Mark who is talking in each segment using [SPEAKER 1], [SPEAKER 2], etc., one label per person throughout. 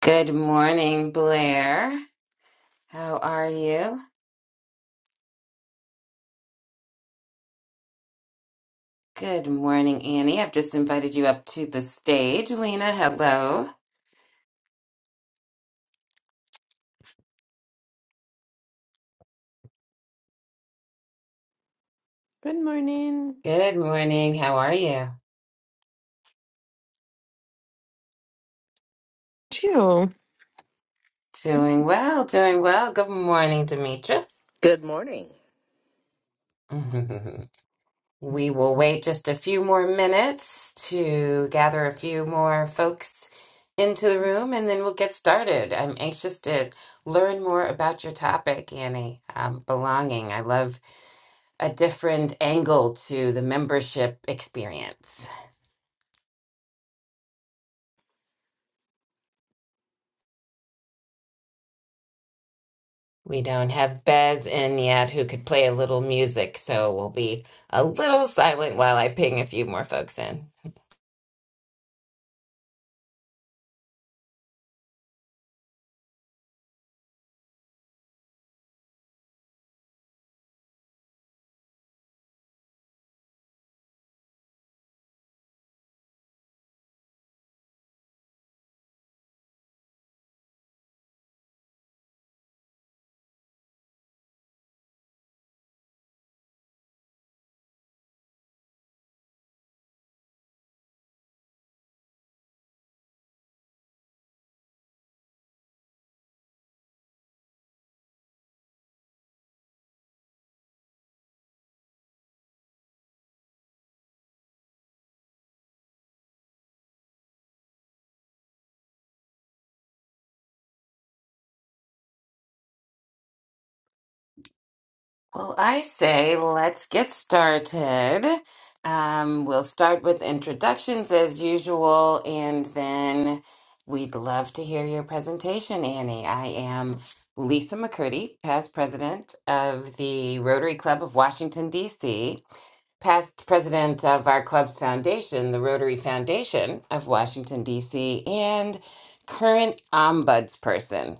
[SPEAKER 1] Good morning, Blair. How are you? Good morning, Annie. I've just invited you up to the stage. Lena, hello.
[SPEAKER 2] Good morning.
[SPEAKER 1] Good morning. How are you?
[SPEAKER 2] Too.
[SPEAKER 1] Doing well, doing well. Good morning, Demetrius.
[SPEAKER 3] Good morning.
[SPEAKER 1] We will wait just a few more minutes to gather a few more folks into the room and then we'll get started. I'm anxious to learn more about your topic, Annie. Um, belonging. I love a different angle to the membership experience. We don't have Bez in yet who could play a little music, so we'll be a little silent while I ping a few more folks in. Well, I say let's get started. Um, we'll start with introductions as usual, and then we'd love to hear your presentation, Annie. I am Lisa McCurdy, past president of the Rotary Club of Washington, D.C past president of our club's foundation, the Rotary Foundation of Washington, D.C., and current ombuds person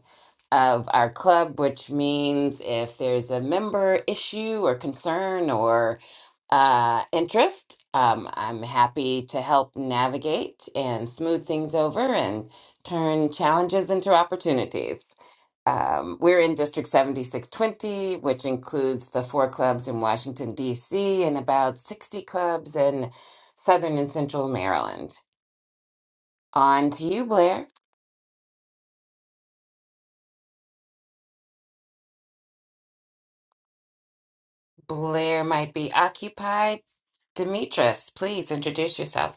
[SPEAKER 1] of our club, which means if there's a member issue or concern or uh, interest, um, I'm happy to help navigate and smooth things over and turn challenges into opportunities. Um, we're in District 7620, which includes the four clubs in Washington, D.C., and about 60 clubs in Southern and Central Maryland. On to you, Blair. Blair might be occupied. Demetrius, please introduce yourself.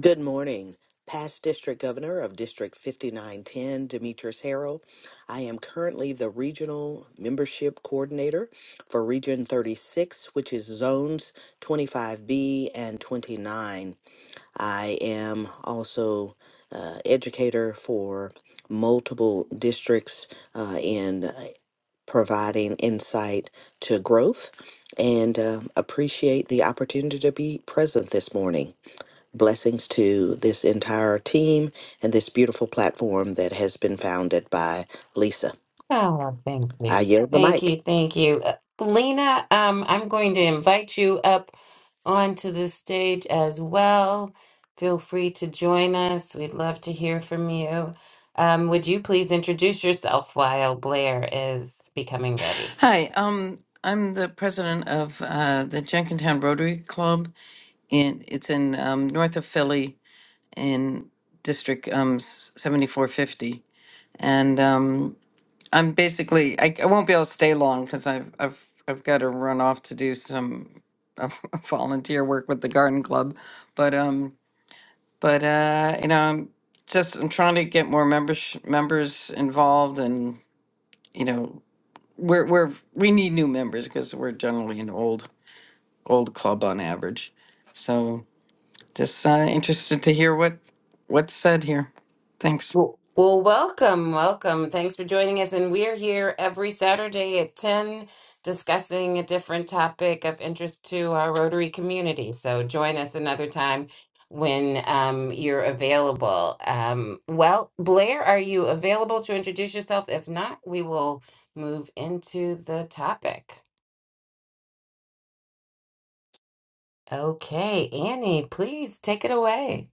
[SPEAKER 3] Good morning. Past District Governor of District 5910, Demetrius Harrell. I am currently the Regional Membership Coordinator for Region 36, which is Zones 25B and 29. I am also uh, educator for multiple districts uh, in uh, providing insight to growth and um appreciate the opportunity to be present this morning. Blessings to this entire team and this beautiful platform that has been founded by Lisa.
[SPEAKER 1] Oh, thank you.
[SPEAKER 3] I yield the
[SPEAKER 1] Thank
[SPEAKER 3] mic.
[SPEAKER 1] you. Thank you. Uh, Lena, um, I'm going to invite you up onto the stage as well. Feel free to join us. We'd love to hear from you. Um, would you please introduce yourself while Blair is becoming ready?
[SPEAKER 4] Hi, um, I'm the president of uh, the Jenkintown Rotary Club, and it's in um, north of Philly in District um, s- 7450. And um, I'm basically, I, I won't be able to stay long because I've, I've, I've got to run off to do some uh, volunteer work with the Garden Club. But, um, but uh, you know, I'm just I'm trying to get more members members involved, and you know we're we're we need new members because we're generally an old old club on average. So just uh, interested to hear what what's said here. Thanks.
[SPEAKER 1] Well, well, welcome, welcome. Thanks for joining us. And we're here every Saturday at 10 discussing a different topic of interest to our Rotary community. So join us another time when um, you're available. Um, well, Blair, are you available to introduce yourself? If not, we will move into the topic. Okay, Annie, please take it away.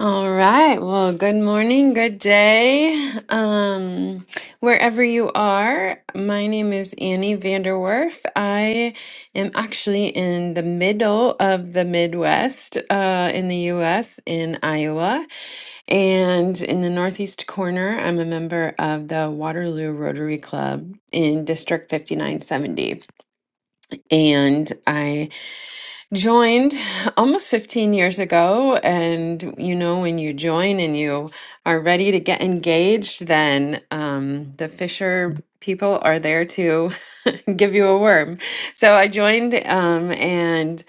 [SPEAKER 2] All right. Well, good morning, good day. Um, wherever you are, my name is Annie Vanderwerf. I am actually in the middle of the Midwest, uh, in the US, in Iowa. And in the northeast corner, I'm a member of the Waterloo Rotary Club in District 5970. And I joined almost 15 years ago and you know when you join and you are ready to get engaged then um, the fisher people are there to give you a worm so i joined um, and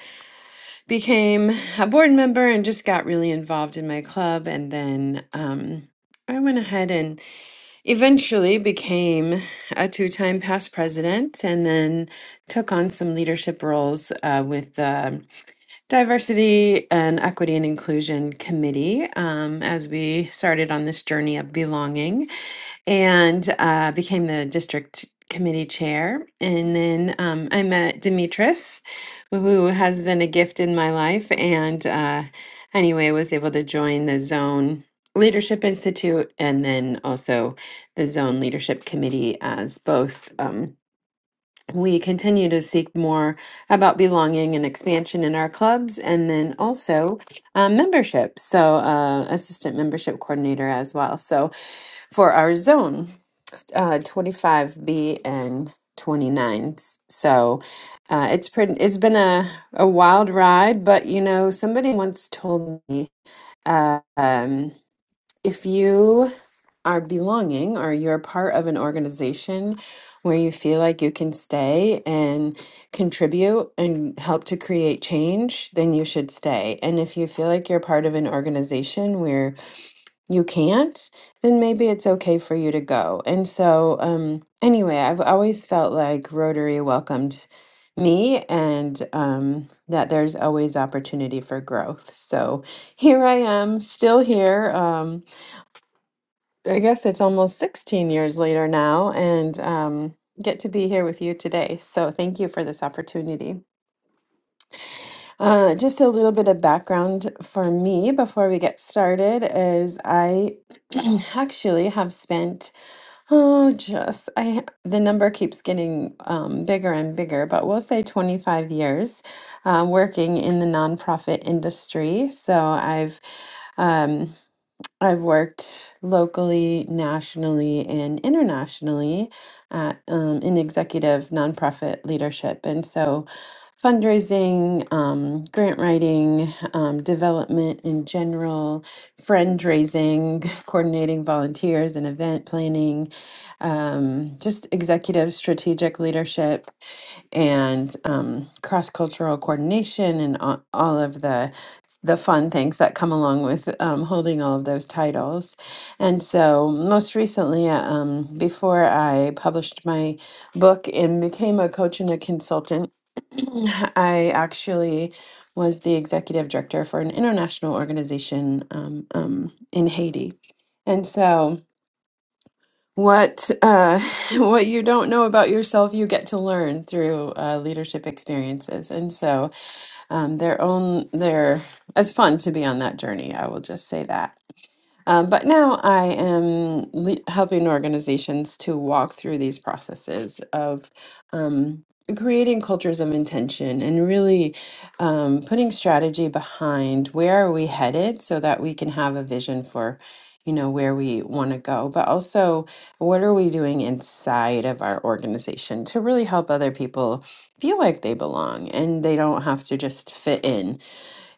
[SPEAKER 2] became a board member and just got really involved in my club and then um, i went ahead and eventually became a two-time past president and then took on some leadership roles uh, with um, Diversity and Equity and Inclusion Committee um, as we started on this journey of belonging and uh, became the district committee chair. And then um, I met Demetris, who has been a gift in my life. And uh, anyway, was able to join the Zone Leadership Institute and then also the Zone Leadership Committee as both. Um, we continue to seek more about belonging and expansion in our clubs and then also um, membership. So, uh, assistant membership coordinator as well. So, for our zone uh, 25B and 29. So, uh, it's pretty, it's been a, a wild ride, but you know, somebody once told me, uh, um, if you are belonging or you're part of an organization where you feel like you can stay and contribute and help to create change, then you should stay. And if you feel like you're part of an organization where you can't, then maybe it's okay for you to go. And so, um, anyway, I've always felt like Rotary welcomed me and um, that there's always opportunity for growth. So here I am, still here. Um, I guess it's almost 16 years later now, and um, get to be here with you today. So, thank you for this opportunity. Uh, just a little bit of background for me before we get started is I actually have spent, oh, just I the number keeps getting um, bigger and bigger, but we'll say 25 years uh, working in the nonprofit industry. So, I've um, I've worked locally, nationally, and internationally at, um, in executive nonprofit leadership. And so fundraising, um, grant writing, um, development in general, friend raising, coordinating volunteers and event planning, um, just executive strategic leadership and um, cross cultural coordination and a- all of the the fun things that come along with um, holding all of those titles. And so, most recently, uh, um, before I published my book and became a coach and a consultant, I actually was the executive director for an international organization um, um, in Haiti. And so, what uh, what you don't know about yourself, you get to learn through uh, leadership experiences, and so um, their own their it's fun to be on that journey. I will just say that. Um, but now I am le- helping organizations to walk through these processes of um, creating cultures of intention and really um, putting strategy behind where are we headed so that we can have a vision for you know where we want to go but also what are we doing inside of our organization to really help other people feel like they belong and they don't have to just fit in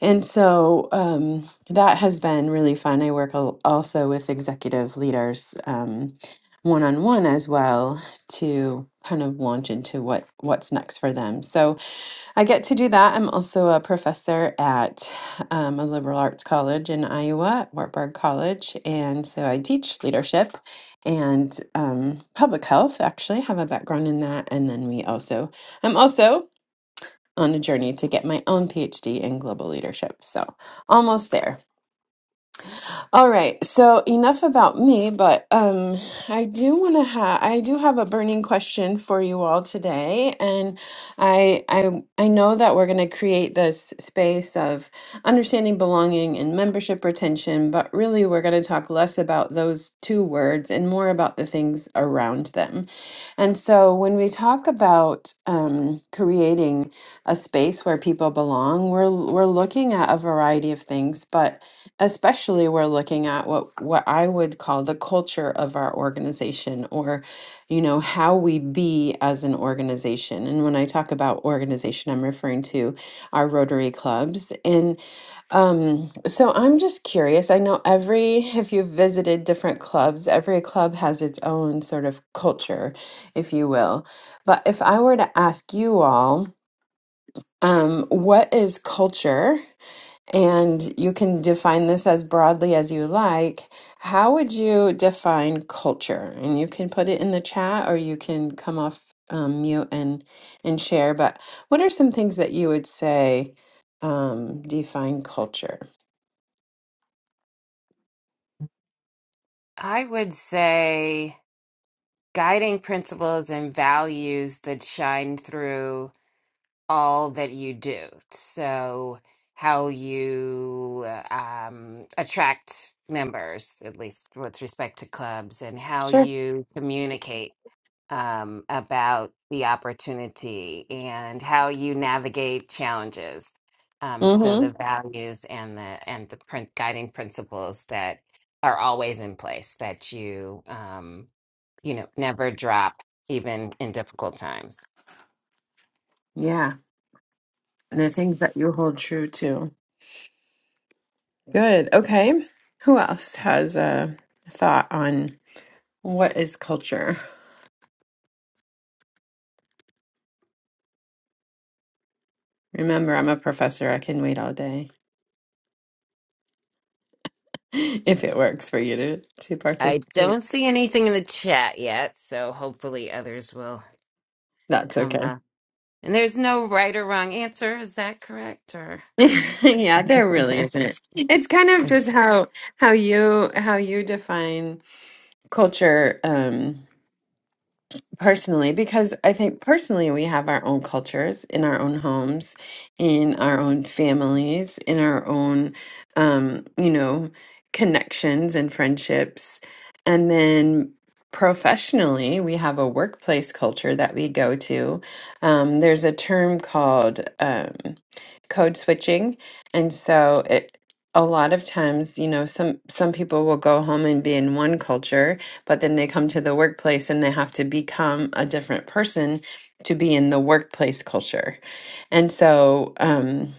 [SPEAKER 2] and so um, that has been really fun. I work al- also with executive leaders one on one as well to kind of launch into what what's next for them. So I get to do that. I'm also a professor at um, a liberal arts college in Iowa, at Wartburg College, and so I teach leadership and um, public health. Actually, have a background in that, and then we also I'm also on a journey to get my own PhD in global leadership. So almost there. All right, so enough about me, but um, I do want to have I do have a burning question for you all today, and I I I know that we're going to create this space of understanding belonging and membership retention, but really we're going to talk less about those two words and more about the things around them. And so when we talk about um, creating a space where people belong, we're we're looking at a variety of things, but especially we're looking at what what I would call the culture of our organization or you know how we be as an organization and when I talk about organization I'm referring to our Rotary clubs and um so I'm just curious I know every if you've visited different clubs every club has its own sort of culture if you will but if I were to ask you all um what is culture and you can define this as broadly as you like. How would you define culture? And you can put it in the chat or you can come off um, mute and and share. But what are some things that you would say um, define culture?
[SPEAKER 1] I would say guiding principles and values that shine through all that you do. So, how you uh, um, attract members, at least with respect to clubs, and how
[SPEAKER 2] Sure.
[SPEAKER 1] you communicate um, about the opportunity and how you navigate challenges. Um, so
[SPEAKER 2] Mm-hmm.
[SPEAKER 1] the values and the and the print guiding principles that are always in place that you um, you know never drop even in difficult times.
[SPEAKER 2] Yeah. And the things that you hold true to. Good. Okay. Who else has a thought on what is culture? Remember, I'm a professor. I can wait all day. if it works for you to to
[SPEAKER 1] I
[SPEAKER 2] participate
[SPEAKER 1] don't see anything in the chat yet, so hopefully others will
[SPEAKER 2] that's
[SPEAKER 1] come
[SPEAKER 2] okay
[SPEAKER 1] up. And there's no right or wrong answer, is that correct? Or just
[SPEAKER 2] yeah there really isn't it's kind of just how how you how you define culture um personally because i think personally we have our own cultures in our own homes in our own families in our own um you know connections and friendships and then professionally we have a workplace culture that we go to um, there's a term called um, code switching and so it a lot of times you know some some people will go home and be in one culture but then they come to the workplace and they have to become a different person to be in the workplace culture. And so, um,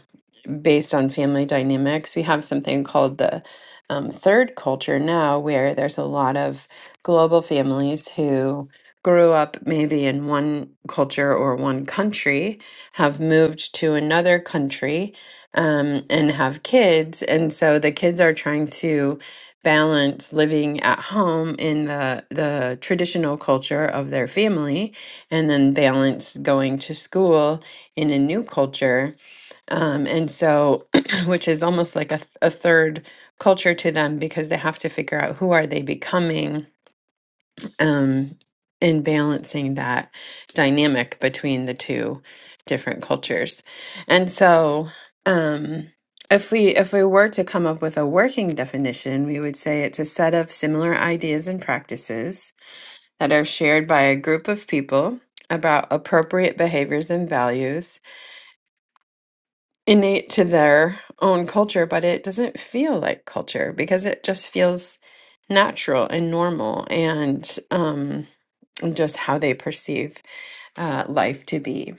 [SPEAKER 2] based on family dynamics. We have something called the um, third culture now, where there's a lot of global families who grew up maybe in one culture or one country, have moved to another country, um, and have kids. And so the kids are trying to balance living at home in the the traditional culture of their family and then balance going to school in a new culture um, and so, which is almost like a, th- a third culture to them because they have to figure out who are they becoming um, and balancing that dynamic between the two different cultures. And so, um, if we if we were to come up with a working definition, we would say it's a set of similar ideas and practices that are shared by a group of people about appropriate behaviors and values innate to their own culture, but it doesn't feel like culture because it just feels natural and normal and um, just how they perceive uh, life to be.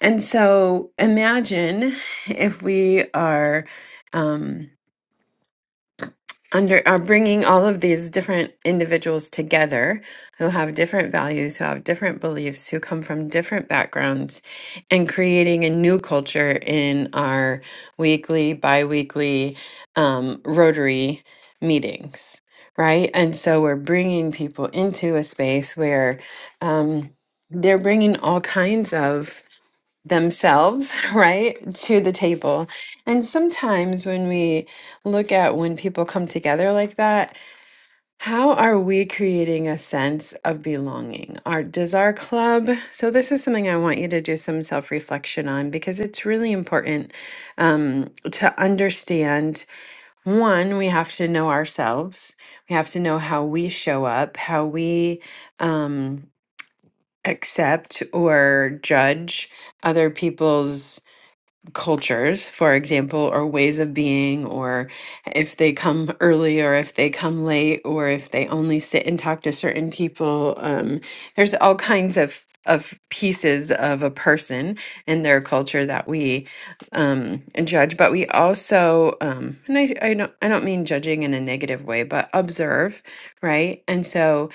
[SPEAKER 2] And so imagine if we are. Um, under are bringing all of these different individuals together who have different values, who have different beliefs, who come from different backgrounds, and creating a new culture in our weekly, bi-weekly um, Rotary meetings, right? And so we're bringing people into a space where um, they're bringing all kinds of themselves, right, to the table. And sometimes when we look at when people come together like that, how are we creating a sense of belonging? Our does our club? So this is something I want you to do some self-reflection on because it's really important um, to understand. One, we have to know ourselves. We have to know how we show up, how we um, accept or judge other people's cultures, for example, or ways of being, or if they come early or if they come late, or if they only sit and talk to certain people. Um, there's all kinds of of pieces of a person and their culture that we um, judge, but we also, um, and I, I don't, I don't mean judging in a negative way, but observe, right? And so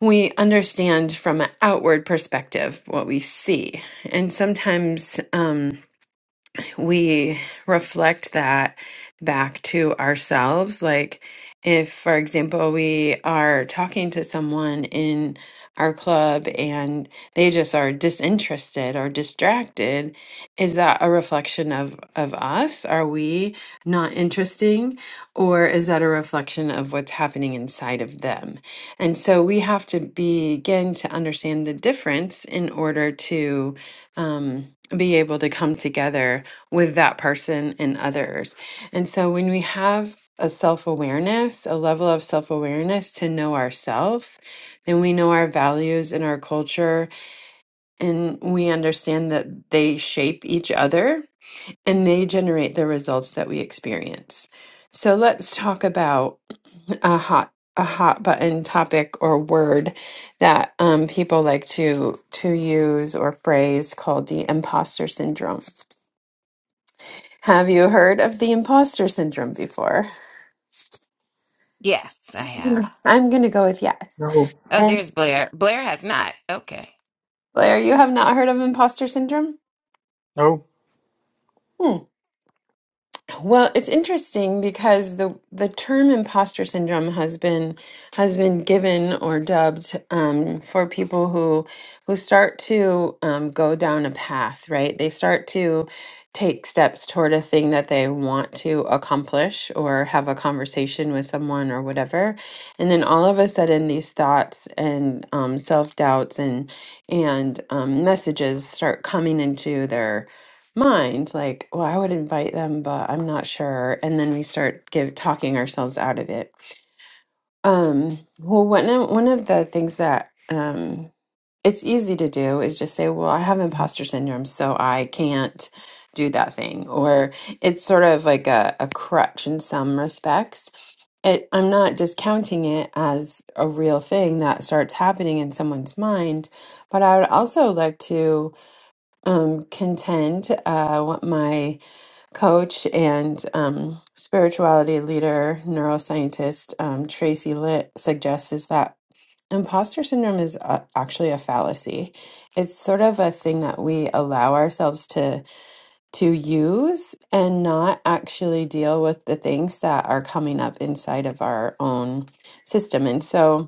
[SPEAKER 2] we understand from an outward perspective what we see, and sometimes. Um, we reflect that back to ourselves. Like, if, for example, we are talking to someone in our club and they just are disinterested or distracted, is that a reflection of, of us? Are we not interesting? Or is that a reflection of what's happening inside of them? And so we have to begin to understand the difference in order to um, be able to come together with that person and others. And so when we have a self awareness, a level of self awareness to know ourselves, then we know our values and our culture, and we understand that they shape each other and they generate the results that we experience. So let's talk about a hot a hot button topic or word that um, people like to to use or phrase called the imposter syndrome have you heard of the imposter syndrome before?
[SPEAKER 1] Yes, I have.
[SPEAKER 2] I'm going to go with yes.
[SPEAKER 5] No,
[SPEAKER 1] Oh,
[SPEAKER 2] And
[SPEAKER 1] there's Blair. Blair has not. Okay.
[SPEAKER 2] Blair, you have not heard of imposter syndrome?
[SPEAKER 5] no,
[SPEAKER 2] Hmm. Well, it's interesting because the the term imposter syndrome has been has been given or dubbed um, for people who who start to um, go down a path, right? They start to take steps toward a thing that they want to accomplish or have a conversation with someone or whatever, and then all of a sudden these thoughts and um, self doubts and and um, messages start coming into their mind like well i would invite them but i'm not sure and then we start give talking ourselves out of it um well one of, one of the things that um it's easy to do is just say well i have imposter syndrome so i can't do that thing or it's sort of like a, a crutch in some respects it, i'm not discounting it as a real thing that starts happening in someone's mind but i would also like to um, contend uh, what my coach and um, spirituality leader, neuroscientist um, Tracy Litt suggests is that imposter syndrome is uh, actually a fallacy. It's sort of a thing that we allow ourselves to to use and not actually deal with the things that are coming up inside of our own system. And so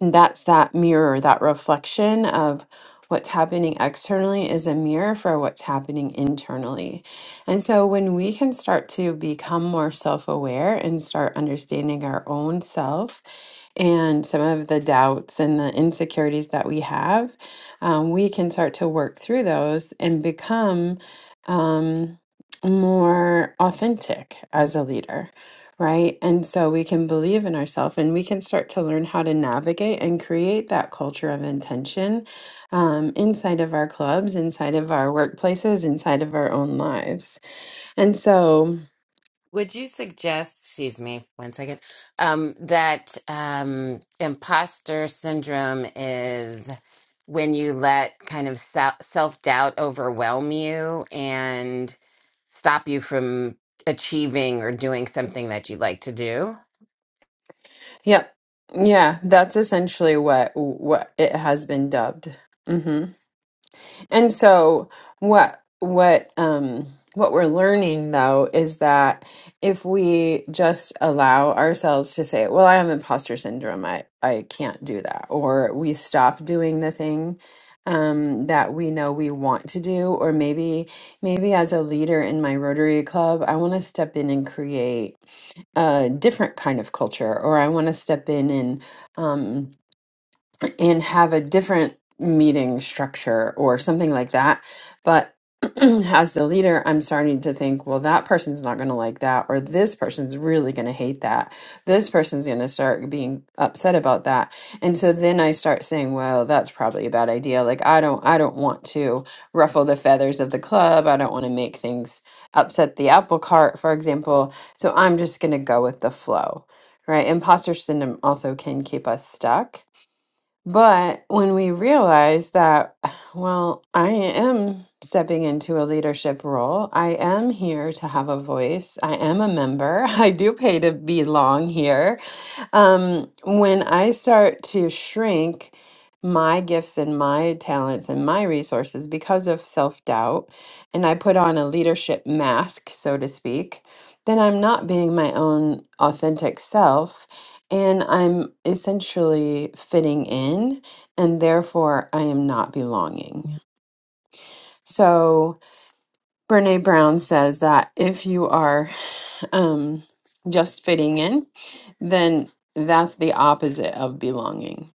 [SPEAKER 2] and that's that mirror, that reflection of what's happening externally is a mirror for what's happening internally. And so when we can start to become more self aware and start understanding our own self and some of the doubts and the insecurities that we have, um, we can start to work through those and become um, more authentic as a leader, right? And so we can believe in ourselves and we can start to learn how to navigate and create that culture of intention um, inside of our clubs, inside of our workplaces, inside of our own lives. And so,
[SPEAKER 1] Would you suggest, excuse me one second, um, that um, imposter syndrome is when you let kind of self doubt overwhelm you and stop you from achieving or doing something that you like to do?
[SPEAKER 2] Yeah. Yeah, that's essentially what what it has been dubbed. hmm And so what what um what we're learning though is that if we just allow ourselves to say, well, I have imposter syndrome, I I can't do that, or we stop doing the thing um that we know we want to do, or maybe maybe as a leader in my Rotary Club, I want to step in and create a different kind of culture or i want to step in and um, and have a different meeting structure or something like that. But as the leader, I'm starting to think, well, that person's not going to like that, or this person's really going to hate that. This person's going to start being upset about that. And so then I start saying, well, that's probably a bad idea. Like I don't, I don't want to ruffle the feathers of the club. I don't want to make things upset the apple cart, for example. So I'm just going to go with the flow, right? Imposter syndrome also can keep us stuck but when we realize that, well, I am stepping into a leadership role, I am here to have a voice, I am a member, I do pay to belong here. Um, when I start to shrink my gifts and my talents and my resources because of self doubt, and I put on a leadership mask, so to speak, then I'm not being my own authentic self. And I'm essentially fitting in, and therefore I am not belonging. So, Brene Brown says that if you are um, just fitting in, then that's the opposite of belonging.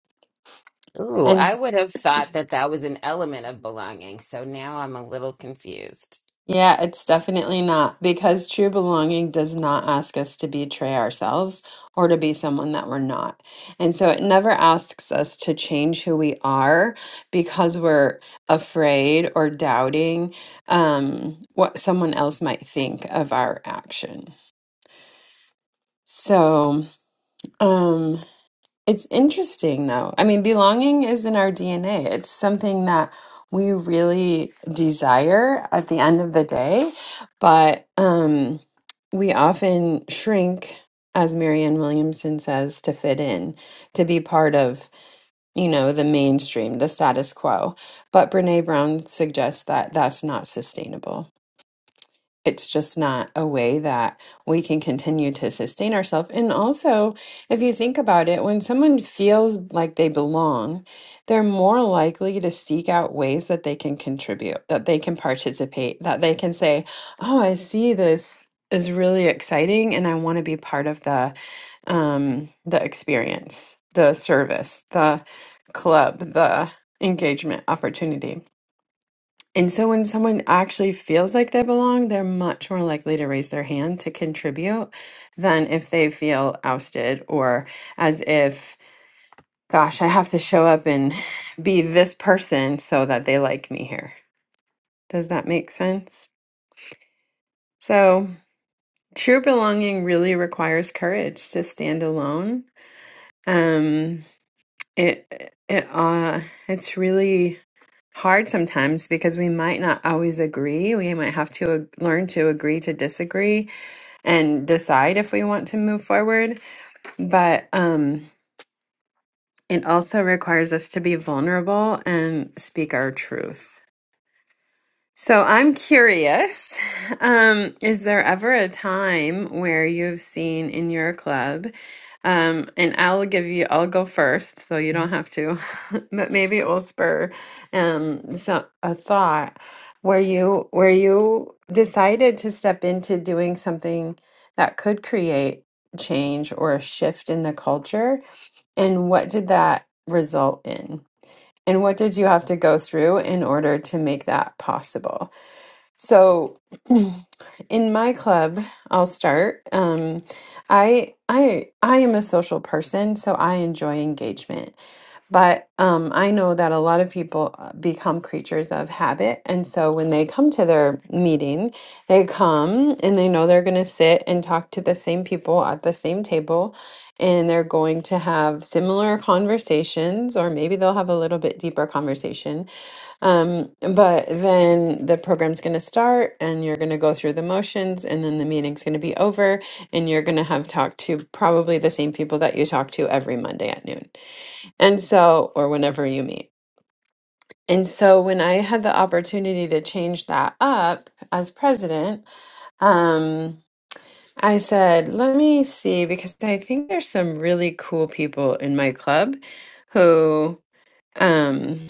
[SPEAKER 1] Ooh,
[SPEAKER 2] And
[SPEAKER 1] I would have thought that that was an element of belonging. So now I'm a little confused.
[SPEAKER 2] yeah, it's definitely not because true belonging does not ask us to betray ourselves or to be someone that we're not. And so it never asks us to change who we are because we're afraid or doubting um, what someone else might think of our action. So, um, It's interesting, though. I mean, belonging is in our DNA. It's something that we really desire at the end of the day, but um, we often shrink, as Marianne Williamson says, to fit in, to be part of, you know, the mainstream, the status quo. But Brene Brown suggests that that's not sustainable it's just not a way that we can continue to sustain ourselves. And also, if you think about it, when someone feels like they belong, they're more likely to seek out ways that they can contribute, that they can participate, that they can say, Oh, I see this is really exciting and I want to be part of the um the experience, the service, the club, the engagement opportunity. And so when someone actually feels like they belong, they're much more likely to raise their hand to contribute than if they feel ousted or as if, gosh, I have to show up and be this person so that they like me here. Does that make sense? So true belonging really requires courage to stand alone. Um, it it uh, it's really hard sometimes because we might not always agree. We might have to ag- learn to agree to disagree and decide if we want to move forward. But um, it also requires us to be vulnerable and speak our truth. So I'm curious, um, is there ever a time where you've seen in your club, um, and I'll give you, I'll go first, so you don't have to, but maybe it will spur um, so, a thought where you where you decided to step into doing something that could create change or a shift in the culture, and what did that result in? And what did you have to go through in order to make that possible? So, in my club, I'll start. Um, I I I am a social person, so I enjoy engagement. But um, I know that a lot of people uh, become creatures of habit, and so when they come to their meeting, they come and they know they're going to sit and talk to the same people at the same table, and they're going to have similar conversations, or maybe they'll have a little bit deeper conversation um, but then the program's going to start and you're going to go through the motions and then the meeting's going to be over and you're going to have talked to probably the same people that you talk to every Monday at noon. And so, or whenever you meet. And so when I had the opportunity to change that up as president, um, I said, let me see, because I think there's some really cool people in my club who, um,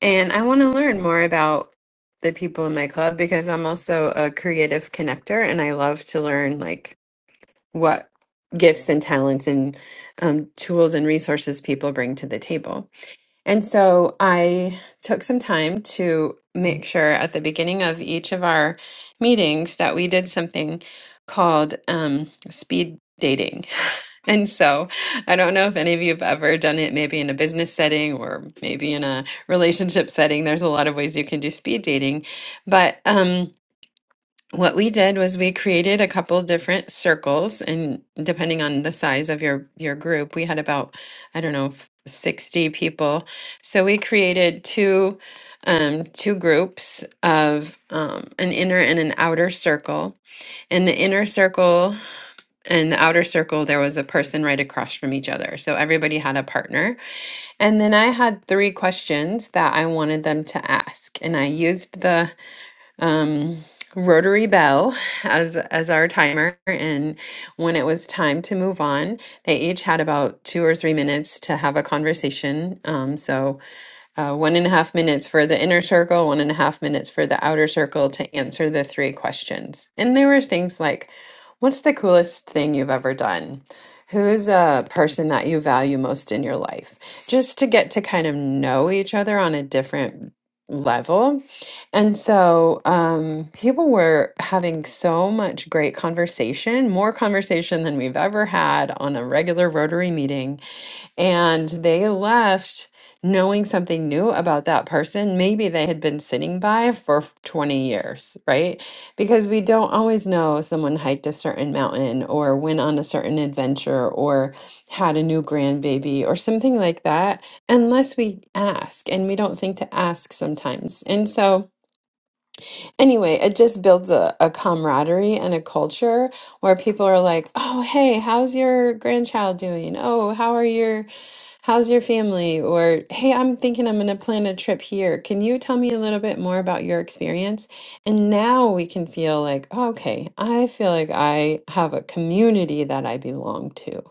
[SPEAKER 2] And I want to learn more about the people in my club because I'm also a creative connector and I love to learn like what gifts and talents and um, tools and resources people bring to the table. And so I took some time to make sure at the beginning of each of our meetings that we did something called um, speed dating. And so I don't know if any of you have ever done it, maybe in a business setting or maybe in a relationship setting. There's a lot of ways you can do speed dating. But, um, what we did was we created a couple different circles, and depending on the size of your your group, we had about, I don't know, 60 people. So we created two um two groups of um an inner and an outer circle. In the inner circle and the outer circle, there was a person right across from each other. So everybody had a partner. And then I had three questions that I wanted them to ask, and I used the um, rotary bell as as our timer and when it was time to move on they each had about two or three minutes to have a conversation um, so uh, one and a half minutes for the inner circle, one and a half minutes for the outer circle to answer the three questions. And there were things like, what's the coolest thing you've ever done? Who's a person that you value most in your life? Just to get to kind of know each other on a different level. And so um, people were having so much great conversation, more conversation than we've ever had on a regular Rotary meeting and they left knowing something new about that person. Maybe they had been sitting by for 20 years, right? Because we don't always know someone hiked a certain mountain or went on a certain adventure or had a new grandbaby or something like that unless we ask. And we don't think to ask sometimes. And so, anyway, it just builds a, a camaraderie and a culture where people are like, oh, hey, how's your grandchild doing? Oh, how are your How's your family? Or, hey, I'm thinking I'm going to plan a trip here. Can you tell me a little bit more about your experience? And now we can feel like, oh, okay, I feel like I have a community that I belong to.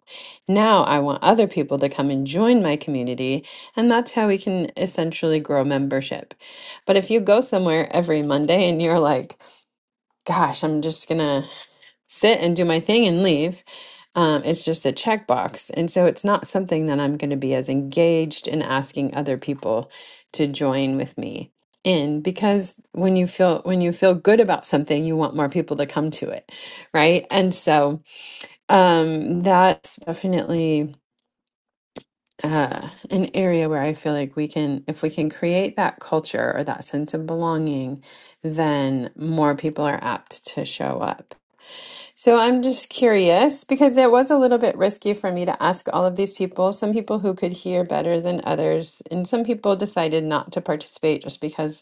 [SPEAKER 2] Now I want other people to come and join my community. And that's how we can essentially grow membership. But if you go somewhere every Monday and you're like, gosh, I'm just gonna sit and do my thing and leave. Um, it's just a checkbox. And so it's not something that I'm going to be as engaged in asking other people to join with me in because when you feel when you feel good about something you want more people to come to it right and so um that's definitely uh an area where i feel like we can if we can create that culture or that sense of belonging then more people are apt to show up so I'm just curious because it was a little bit risky for me to ask all of these people, some people who could hear better than others, and some people decided not to participate just because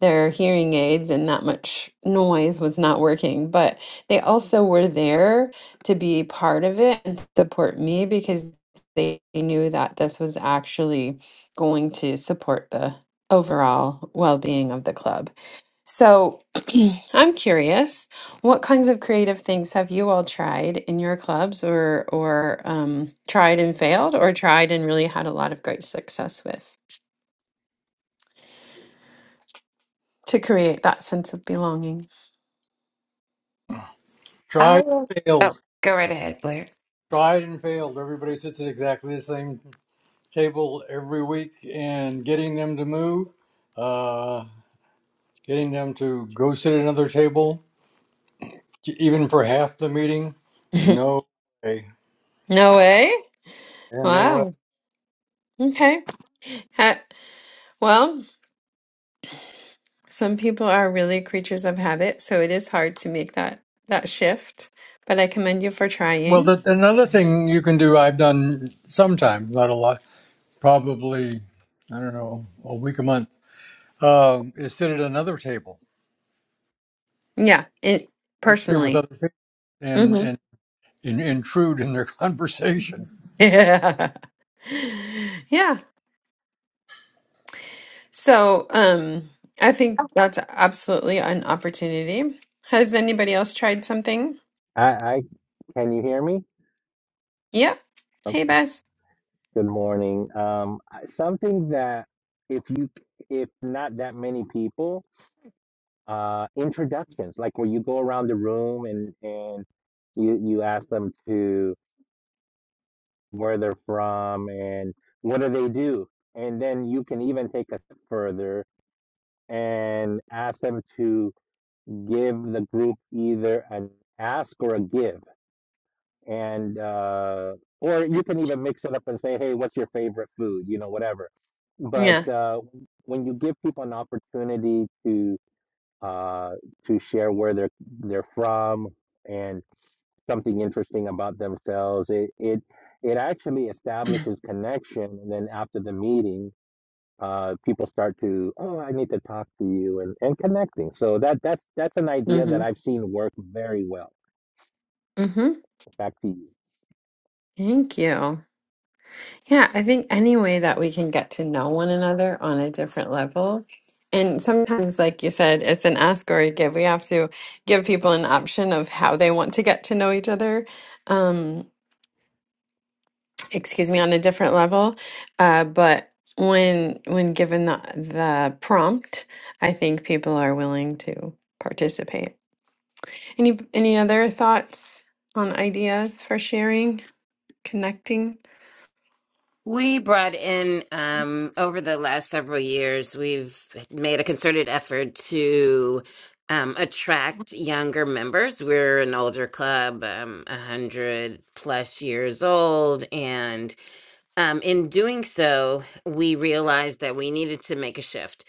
[SPEAKER 2] their hearing aids and that much noise was not working but they also were there to be part of it and support me because they knew that this was actually going to support the overall well-being of the club so i'm curious what kinds of creative things have you all tried in your clubs or or um, tried and failed or tried and really had a lot of great success with to create that sense of belonging
[SPEAKER 1] I
[SPEAKER 5] tried
[SPEAKER 1] will.
[SPEAKER 5] and
[SPEAKER 1] Oh,
[SPEAKER 5] failed,
[SPEAKER 1] go right ahead, Blair.
[SPEAKER 5] tried and failed. Everybody sits at exactly the same table every week, and getting them to move, uh, getting them to go sit at another table, e, even for half the meeting, no way,
[SPEAKER 2] No way.
[SPEAKER 5] yeah, no way.
[SPEAKER 2] Wow. Okay. Ha well, some people are really creatures of habit, so it is hard to make that that shift, but I commend you for
[SPEAKER 5] Well,
[SPEAKER 2] trying.
[SPEAKER 5] the, another thing you can do, I've done sometimes, not a lot, probably, I don't know, a week, a month, um, is sit at another table,
[SPEAKER 2] Yeah, it
[SPEAKER 5] go sit with
[SPEAKER 2] personally.
[SPEAKER 5] other people, and
[SPEAKER 2] hmm
[SPEAKER 5] and, and intrude in their conversation.
[SPEAKER 2] Yeah. Yeah. So, um, I think that's absolutely an opportunity. Has anybody else tried something?
[SPEAKER 6] I, I can you hear me?
[SPEAKER 2] Yep. Hey,
[SPEAKER 6] Okay.
[SPEAKER 2] Bess.
[SPEAKER 6] Good morning. Um, I- something that if you if not that many people, uh, introductions like where you go around the room and and you you ask them to where they're from and what do they do, and then you can even take a step further and ask them to give the group either an ask or a give. and uh, or you can even mix it up and say, "Hey, what's your favorite food?" You know, whatever. But
[SPEAKER 2] Yeah.
[SPEAKER 6] uh, when you give people an opportunity to uh, to share where they're they're from and something interesting about themselves, it it it actually establishes connection. And then after the meeting, uh, people start to, "Oh, I need to talk to you," and and connecting. So that that's that's an idea that
[SPEAKER 2] Mm-hmm.
[SPEAKER 6] I've seen work very well.
[SPEAKER 2] Mm-hmm.
[SPEAKER 6] Back to you.
[SPEAKER 2] Thank you. Yeah, I think any way that we can get to know one another on a different level. And sometimes, like you said, it's an ask or a give. We have to give people an option of how they want to get to know each other. Um, excuse me, on a different level. Uh, but when when given the the prompt, I think people are willing to participate. Any any other thoughts on ideas for sharing, connecting?
[SPEAKER 1] We brought in um, over the last several years, we've made a concerted effort to um, attract younger members. We're an older club, um, 100 plus years old, and um, in doing so, we realized that we needed to make a shift.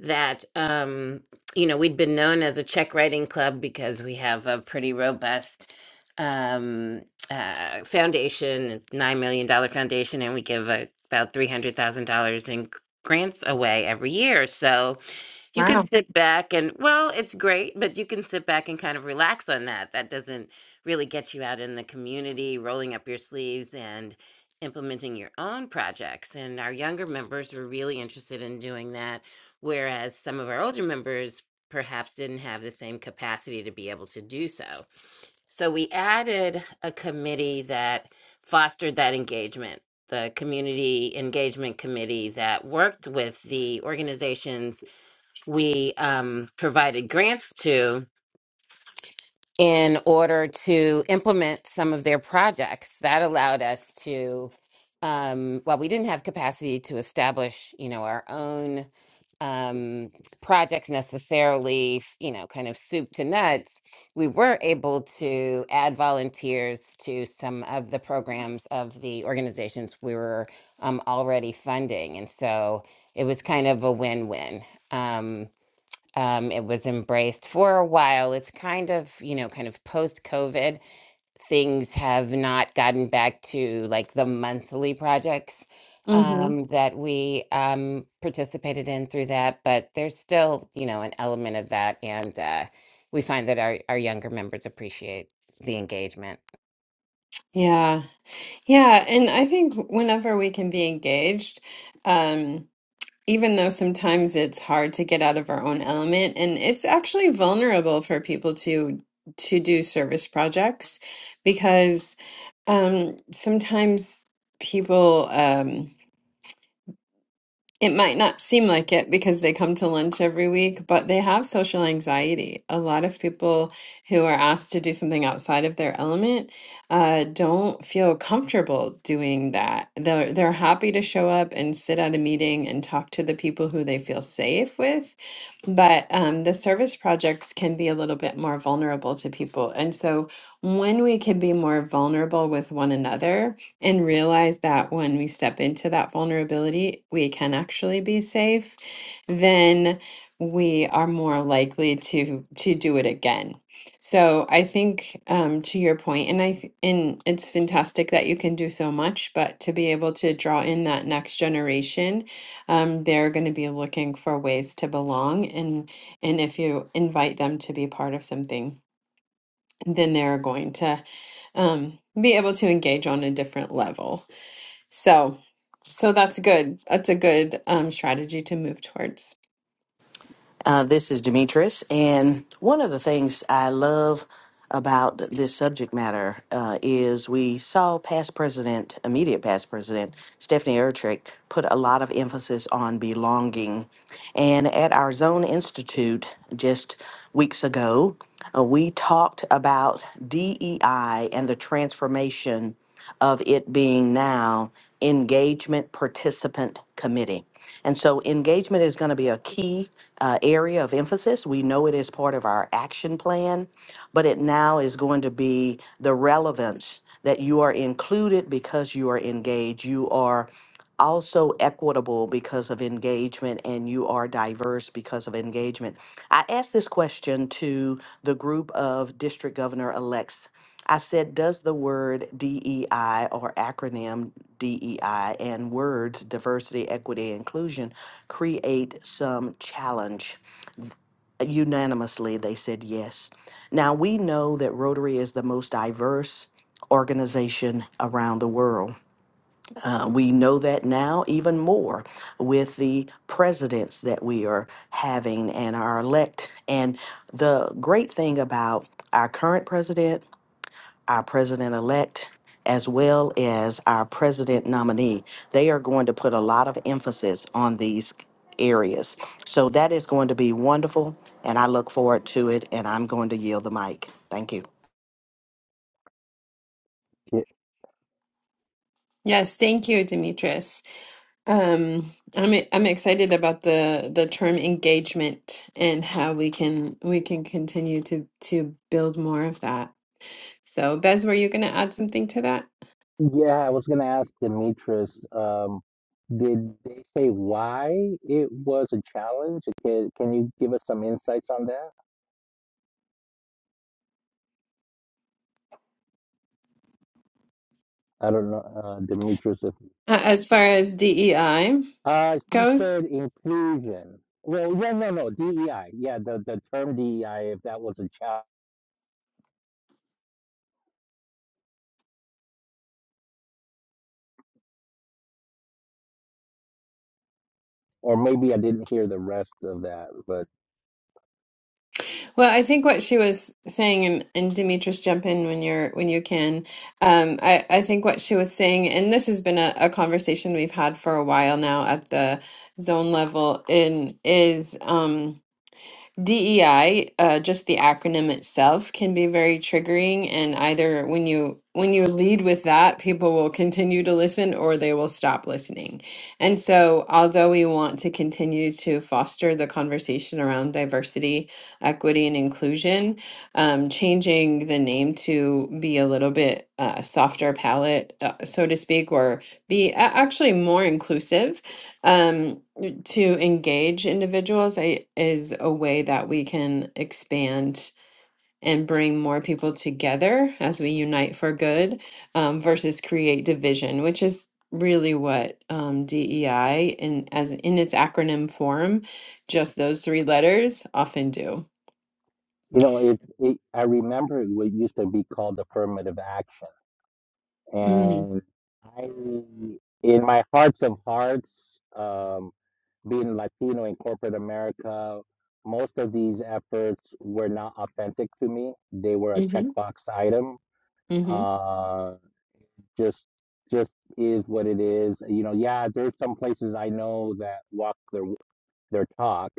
[SPEAKER 1] That, um, you know, we'd been known as a check writing club because we have a pretty robust um, uh, foundation, a $9 million dollar foundation, and we give uh about $300,000 in grants away every year. So, you can
[SPEAKER 2] Wow.
[SPEAKER 1] sit back and, well, it's great, but you can sit back and kind of relax on that. That doesn't really get you out in the community, rolling up your sleeves and implementing your own projects. And our younger members were really interested in doing that, whereas some of our older members perhaps didn't have the same capacity to be able to do so. So we added a committee that fostered that engagement. The community engagement committee that worked with the organizations we um, provided grants to in order to implement some of their projects. That allowed us to, um, while we didn't have capacity to establish, you know, our own um, projects necessarily, you know, kind of soup to nuts, we were able to add volunteers to some of the programs of the organizations we were um, already funding. And so it was kind of a win-win. Um, um, it was embraced for a while. It's kind of, you know, kind of post COVID, things have not gotten back to like the monthly projects
[SPEAKER 2] Mm-hmm.
[SPEAKER 1] um, that we um, participated in through that, but there's still, you know, an element of that. And uh, we find that our, our younger members appreciate the engagement.
[SPEAKER 2] Yeah. Yeah, and I think whenever we can be engaged, um, even though sometimes it's hard to get out of our own element, and it's actually vulnerable for people to to do service projects because um, sometimes people. Um, it might not seem like it because they come to lunch every week, but they have social anxiety. A lot of people who are asked to do something outside of their element uh, don't feel comfortable doing that. They're, they're happy to show up and sit at a meeting and talk to the people who they feel safe with, but um, the service projects can be a little bit more vulnerable to people. And so when we can be more vulnerable with one another, and realize that when we step into that vulnerability, we can actually be safe, then we are more likely to to do it again. So I think um, to your point, and I th- and it's fantastic that you can do so much, but to be able to draw in that next generation, um, they're going to be looking for ways to belong, and and if you invite them to be part of something, then they're going to um, be able to engage on a different level. So, so that's good. That's a good um, strategy to move towards.
[SPEAKER 3] Uh, this is Demetrius, and one of the things I love about this subject matter uh, is we saw past president, immediate past president Stephanie Ertrick, put a lot of emphasis on belonging And at our Zone Institute just weeks ago, uh, we talked about DEI and the transformation of it being now engagement participant committee. And so engagement is going to be a key uh, area of emphasis. We know it is part of our action plan, but it now is going to be the relevance that you are included because you are engaged. You are also equitable because of engagement and you are diverse because of engagement. I asked this question to the group of district governor elects. I said, does the word DEI or acronym DEI and words diversity, equity, and inclusion create some challenge? Unanimously, they said yes. Now, we know that Rotary is the most diverse organization around the world uh, we know that now even more with the presidents that we are having and our elect. And the great thing about our current president, our president elect, as well as our president nominee, they are going to put a lot of emphasis on these areas. So that is going to be wonderful, and I look forward to it. And I'm going to yield the mic. Thank you.
[SPEAKER 2] Yes, thank you, Demetrius. Um, I'm I'm excited about the the term engagement and how we can we can continue to to build more of that. So, Bez, were you going to add something to that
[SPEAKER 6] Yeah, I was gonna ask Demetrius, um, did they say why it was a challenge? Can, can you give us some insights on that? I don't know, uh, Demetrius. If,
[SPEAKER 2] uh, as far as DEI
[SPEAKER 6] uh, she
[SPEAKER 2] goes?
[SPEAKER 6] said inclusion. Well, yeah, no, no, DEI. Yeah, the, the term DEI, if that was a challenge, or maybe I didn't hear the rest of that, but
[SPEAKER 2] Well, I think what she was saying, and, and Demetrius, jump in when you're when you can. Um, I I think what she was saying, and this has been a, a conversation we've had for a while now at the zone level, in is um. DEI, uh, just the acronym itself, can be very triggering, and either when you when you lead with that, people will continue to listen or they will stop listening. And so, although we want to continue to foster the conversation around diversity, equity, and inclusion, um, changing the name to be a little bit uh, softer palette, uh, so to speak, or be a- actually more inclusive um, to engage individuals I, is a way that we can expand and bring more people together as we unite for good um, versus create division, which is really what um, DEI in as in its acronym form, just those three letters often do.
[SPEAKER 6] you know, it, it I remember it wa- used to be called affirmative action
[SPEAKER 2] Mm,
[SPEAKER 6] and I, in my hearts of hearts, um, being Latino in corporate America, most of these efforts were not authentic to me. They were a
[SPEAKER 2] mm-hmm,
[SPEAKER 6] checkbox item.
[SPEAKER 2] mm-hmm,
[SPEAKER 6] Uh, just, just is what it is. You know, yeah, there's some places I know that walk their their talk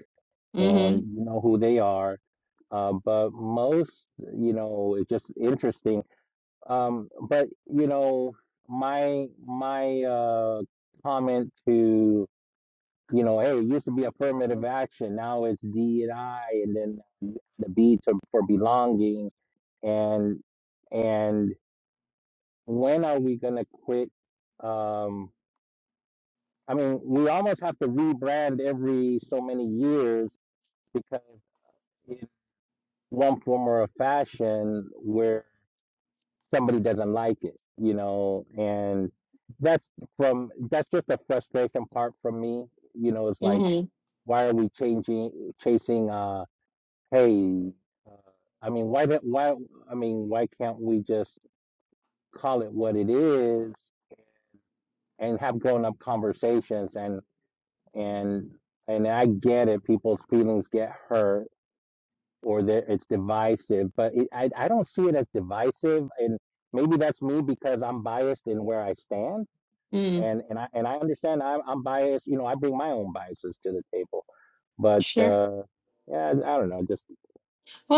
[SPEAKER 2] mm-hmm,
[SPEAKER 6] and you know who they are. Uh, but most, you know, it's just interesting um, but you know, my my uh comment to you know, hey, it used to be affirmative action, now it's D and I, and then the B to for belonging, and and when are we gonna quit? Um, I mean, we almost have to rebrand every so many years because in one form or a fashion somebody doesn't like it, you know, and that's from that's just a frustration part from me, you know, it's like
[SPEAKER 2] mm-hmm,
[SPEAKER 6] why are we changing chasing uh hey uh, I mean why that why I mean why can't we just call it what it is and have grown up conversations and and and I get it people's feelings get hurt or that it's divisive but it, I I don't see it as divisive and maybe that's me because I'm biased in where I stand
[SPEAKER 2] mm,
[SPEAKER 6] and and I and I understand I'm I'm biased. You know, I bring my own biases to the table, but
[SPEAKER 2] sure.
[SPEAKER 6] uh, yeah, I don't know, just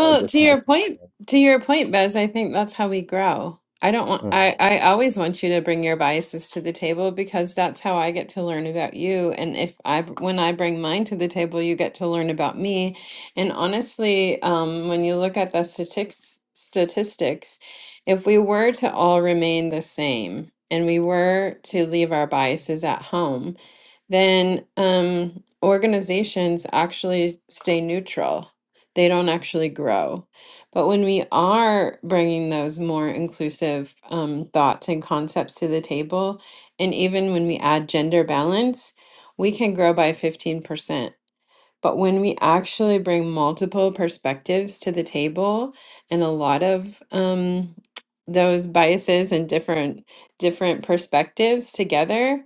[SPEAKER 6] uh,
[SPEAKER 2] to
[SPEAKER 6] just my
[SPEAKER 2] your
[SPEAKER 6] two
[SPEAKER 2] point,
[SPEAKER 6] cents.
[SPEAKER 2] to your point, Bez, I think that's how we grow. I don't want,
[SPEAKER 6] Mhm.
[SPEAKER 2] I, I always want you to bring your biases to the table because that's how I get to learn about you. And if I, when I bring mine to the table, you get to learn about me. And honestly, um, when you look at the statistics, statistics, if we were to all remain the same and we were to leave our biases at home, then um, organizations actually stay neutral they don't actually grow. But when we are bringing those more inclusive um, thoughts and concepts to the table, and even when we add gender balance, we can grow by 15%. But when we actually bring multiple perspectives to the table and a lot of um, those biases and different different perspectives together,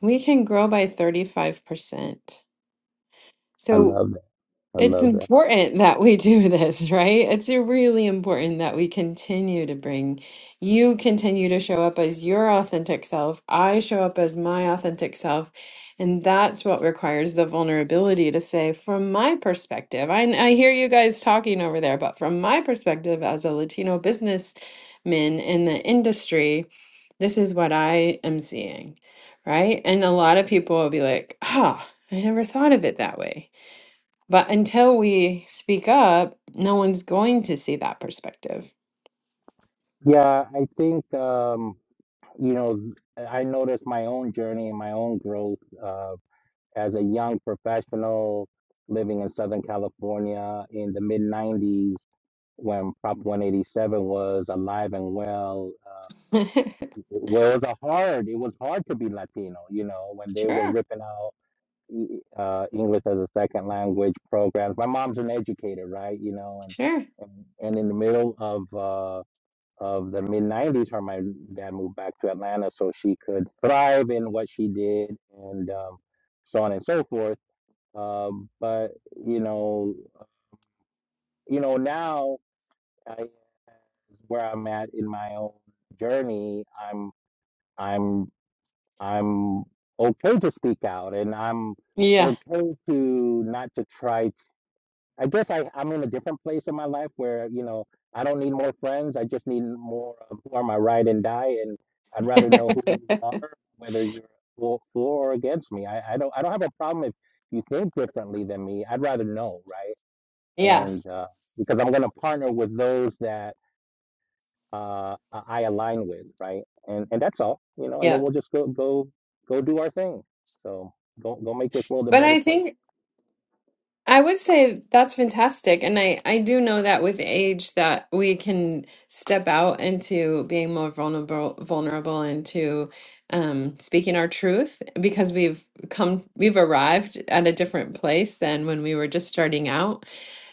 [SPEAKER 2] we can grow by 35%.
[SPEAKER 6] I
[SPEAKER 2] So
[SPEAKER 6] love that. I
[SPEAKER 2] it's
[SPEAKER 6] love that.
[SPEAKER 2] important that we do this, right? It's really important that we continue to bring, you continue to show up as your authentic self. I show up as my authentic self. And that's what requires the vulnerability to say, from my perspective, I, I hear you guys talking over there, but from my perspective as a Latino businessman in the industry, this is what I am seeing, right? And a lot of people will be like, oh, I never thought of it that way but until we speak up, no one's going to see that perspective.
[SPEAKER 6] Yeah, I think um, you know I noticed my own journey and my own growth uh, as a young professional living in Southern California in the mid '90s when Prop 187 was alive and well. uh, Well, it was a hard. It was hard to be Latino, you know, when they were
[SPEAKER 2] Sure,
[SPEAKER 6] ripping out e- e, uh, English as a second language programs. My mom's an educator, right? You know, and
[SPEAKER 2] sure.
[SPEAKER 6] and, and in the middle of uh, of the mid '90s, her and my dad moved back to Atlanta so she could thrive in what she did, and um, so on and so forth. Um, but you know, you know now, I, where I'm at in my own journey, I'm I'm I'm okay to speak out and I'm
[SPEAKER 2] Yeah,
[SPEAKER 6] okay to not to try. I guess I, I'm in a different place in my life where, you know, I don't need more friends. I just need more of who are my ride and die. And I'd rather know who you are, whether you're for, for or against me. I, I don't, I don't have a problem if you think differently than me. I'd rather know, right?
[SPEAKER 2] yes,
[SPEAKER 6] And, uh, because I'm going to partner with those that uh, I align with, right? And and that's all, you know. And then
[SPEAKER 2] yeah.
[SPEAKER 6] we'll just go go go do our thing. So go go make this world a
[SPEAKER 2] But
[SPEAKER 6] better
[SPEAKER 2] I
[SPEAKER 6] place.
[SPEAKER 2] think I would say that's fantastic. And I, I do know that with age that we can step out into being more vulnerable vulnerable into um, speaking our truth because we've come we've arrived at a different place than when we were just starting out.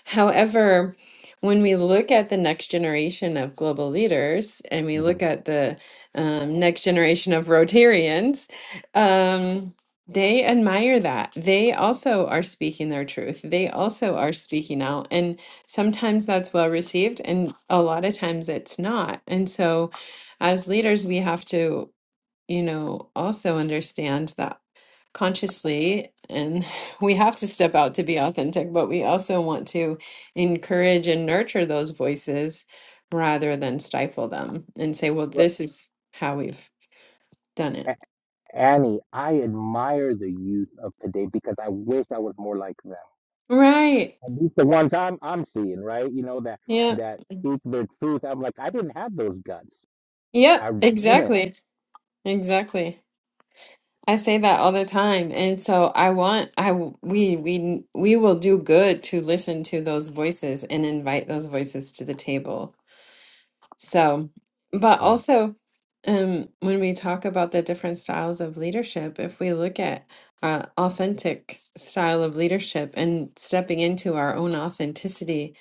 [SPEAKER 2] However, when we look at the next generation of global leaders and we
[SPEAKER 6] hmm
[SPEAKER 2] look at the um, next generation of Rotarians, um, they admire that. They also are speaking their truth. They also are speaking out. And sometimes that's well received, and a lot of times it's not. And so, as leaders, we have to, you know, also understand that consciously and we have to step out to be authentic but we also want to encourage and nurture those voices rather than stifle them and say well
[SPEAKER 6] Well,
[SPEAKER 2] this is how we've done it
[SPEAKER 6] A- Annie, I admire the youth of today because I wish I was more like them.
[SPEAKER 2] right
[SPEAKER 6] At least the ones I'm I'm seeing, right? You know that
[SPEAKER 2] yep
[SPEAKER 6] that speak their truth. I'm like, I didn't have those guts.
[SPEAKER 2] yep
[SPEAKER 6] I didn't.
[SPEAKER 2] exactly exactly i say that all the time and so i want i we we we will do good to listen to those voices and invite those voices to the table So, but
[SPEAKER 6] Mm,
[SPEAKER 2] also, um, when we talk about the different styles of leadership, if we look at uh, authentic style of leadership and stepping into our own authenticity,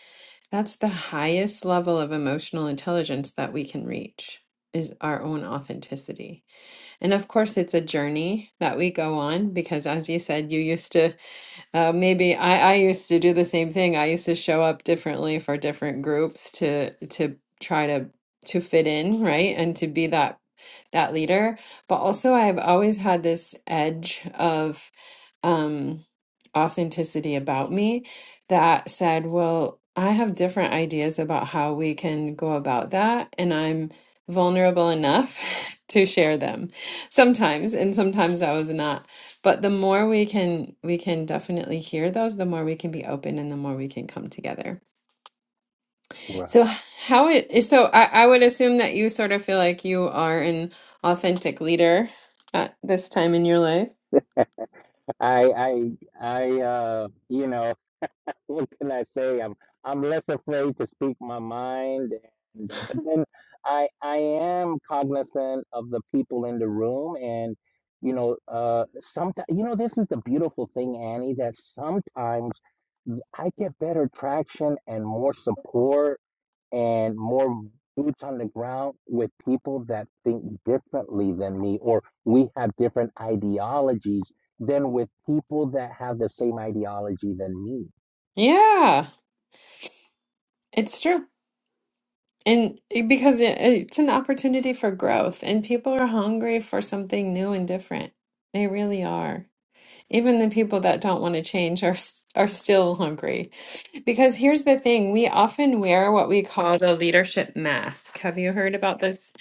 [SPEAKER 2] that's the highest level of emotional intelligence that we can reach is our own authenticity. And of course, it's a journey that we go on because, as you said, you used to. Uh, maybe I, I used to do the same thing. I used to show up differently for different groups to to try to to fit in, right? And to be that that leader. But also I've always had this edge of um authenticity about me that said, well, I have different ideas about how we can go about that, and I'm vulnerable enough to share them sometimes. And sometimes I was not but the more we can we can definitely hear those, the more we can be open and the more we can come together.
[SPEAKER 6] Right.
[SPEAKER 2] So how it so I, I would assume that you sort of feel like you are an authentic leader at this time in your life.
[SPEAKER 6] I I I uh, you know. what can I say? I'm I'm less afraid to speak my mind, and uh, but then I I am cognizant of the people in the room, and you know, uh, sometimes you know this is the beautiful thing, Annie, that sometimes I get better traction and more support and more boots on the ground with people that think differently than me, or we have different ideologies than with people that have the same ideology than
[SPEAKER 2] Yeah, it's true. And it- because it, it's an opportunity for growth and people are hungry for something new and different. They really are. Even the people that don't want to change are s- are still hungry. Because here's the thing, we often wear what we call the leadership mask. Have you heard about this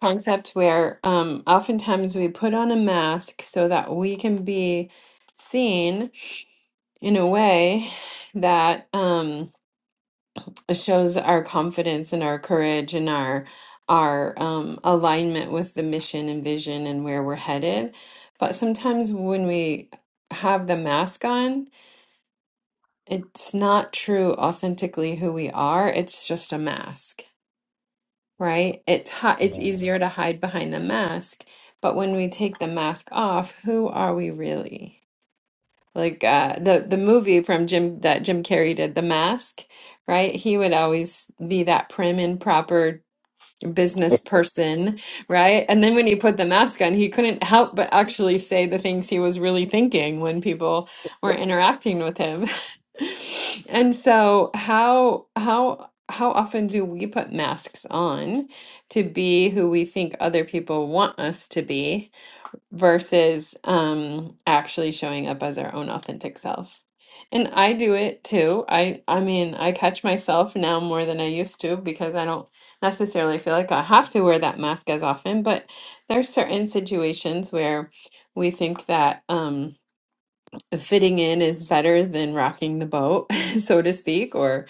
[SPEAKER 2] concept where um, oftentimes we put on a mask so that we can be seen in a way that um, it shows our confidence and our courage and our our um, alignment with the mission and vision and where we're headed. But sometimes when we have the mask on, it's not true authentically who we are. It's just a mask, right? It's hi- it's
[SPEAKER 6] me.
[SPEAKER 2] easier to hide behind the mask, but when we take the mask off, who are we really? Like uh, the the movie from Jim that Jim Carrey did, The Mask, right? He would always be that prim and proper business
[SPEAKER 6] It,
[SPEAKER 2] person, right? And then when he put the mask on, he couldn't help but actually say the things he was really thinking when people were interacting with him. And so how how how often do we put masks on to be who we think other people want us to be? versus um actually showing up as our own authentic self. And I do it too. I I mean, I catch myself now more than I used to because I don't necessarily feel like I have to wear that mask as often, but there's certain situations where we think that um fitting in is better than rocking the boat, so to speak, or